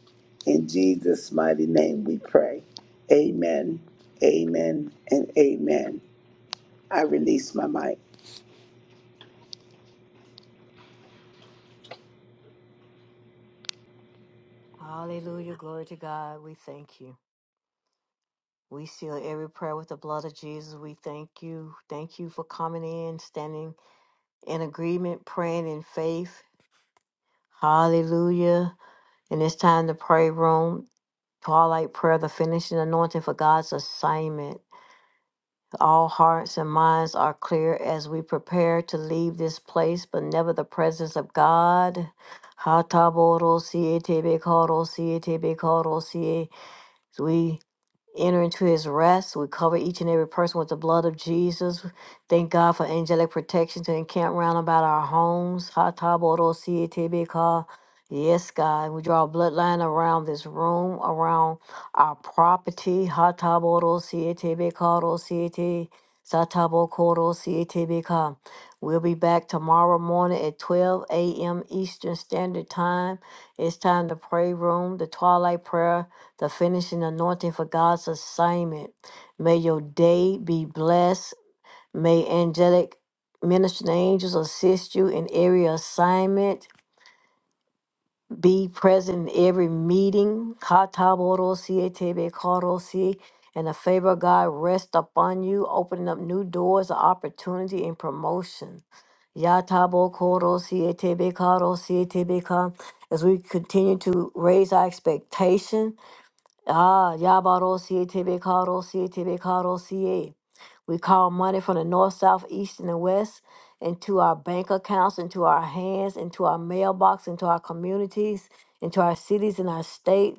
Speaker 3: in Jesus' mighty name, we pray. Amen, amen, and amen. I release my mic.
Speaker 1: Hallelujah. Glory to God. We thank you. We seal every prayer with the blood of Jesus. We thank you. Thank you for coming in, standing in agreement, praying in faith. Hallelujah. And it's time to pray room. Twilight prayer, the finishing anointing for God's assignment. All hearts and minds are clear as we prepare to leave this place, but never the presence of God. Hataboro siete bekoro siete bekoro sie. We enter into his rest. We cover each and every person with the blood of Jesus. Thank God for angelic protection to encamp round about our homes. Ha ta bo do si e, te be ka. Yes, God. We draw a bloodline around this room, around our property. Ha ta bo do si e, te be ka do si e, te. Sa ta bo ko do si e, te be ka. We'll be back tomorrow morning at 12 a.m. Eastern Standard Time. It's time to pray room, the twilight prayer the finishing anointing for God's assignment. May your day be blessed. May angelic ministering angels assist you in every assignment. Be present in every meeting. Katabodosi, etebekarosi, And the favor of God rest upon you, opening up new doors of opportunity and promotion. Yatabokodosi, etebekarosi, etebeka. As we continue to raise our expectation Ah, Yabarosie, Tebekarosie, Tebekarosie. We call money from the north, south, east, and the west into our bank accounts, into our hands, into our mailbox, into our communities, into our cities and our state.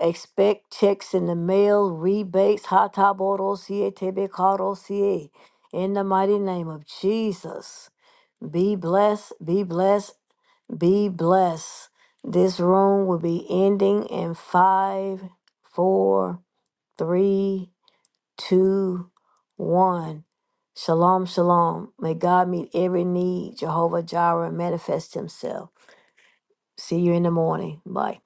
Speaker 1: Expect checks in the mail, rebates, Hatabarosie, Tebekarosie. In the mighty name of Jesus. Be blessed, be blessed, be blessed. This room will be ending in five, four, three, two, one. Shalom, shalom. May God meet every need. Jehovah Jireh manifest himself. See you in the morning. Bye.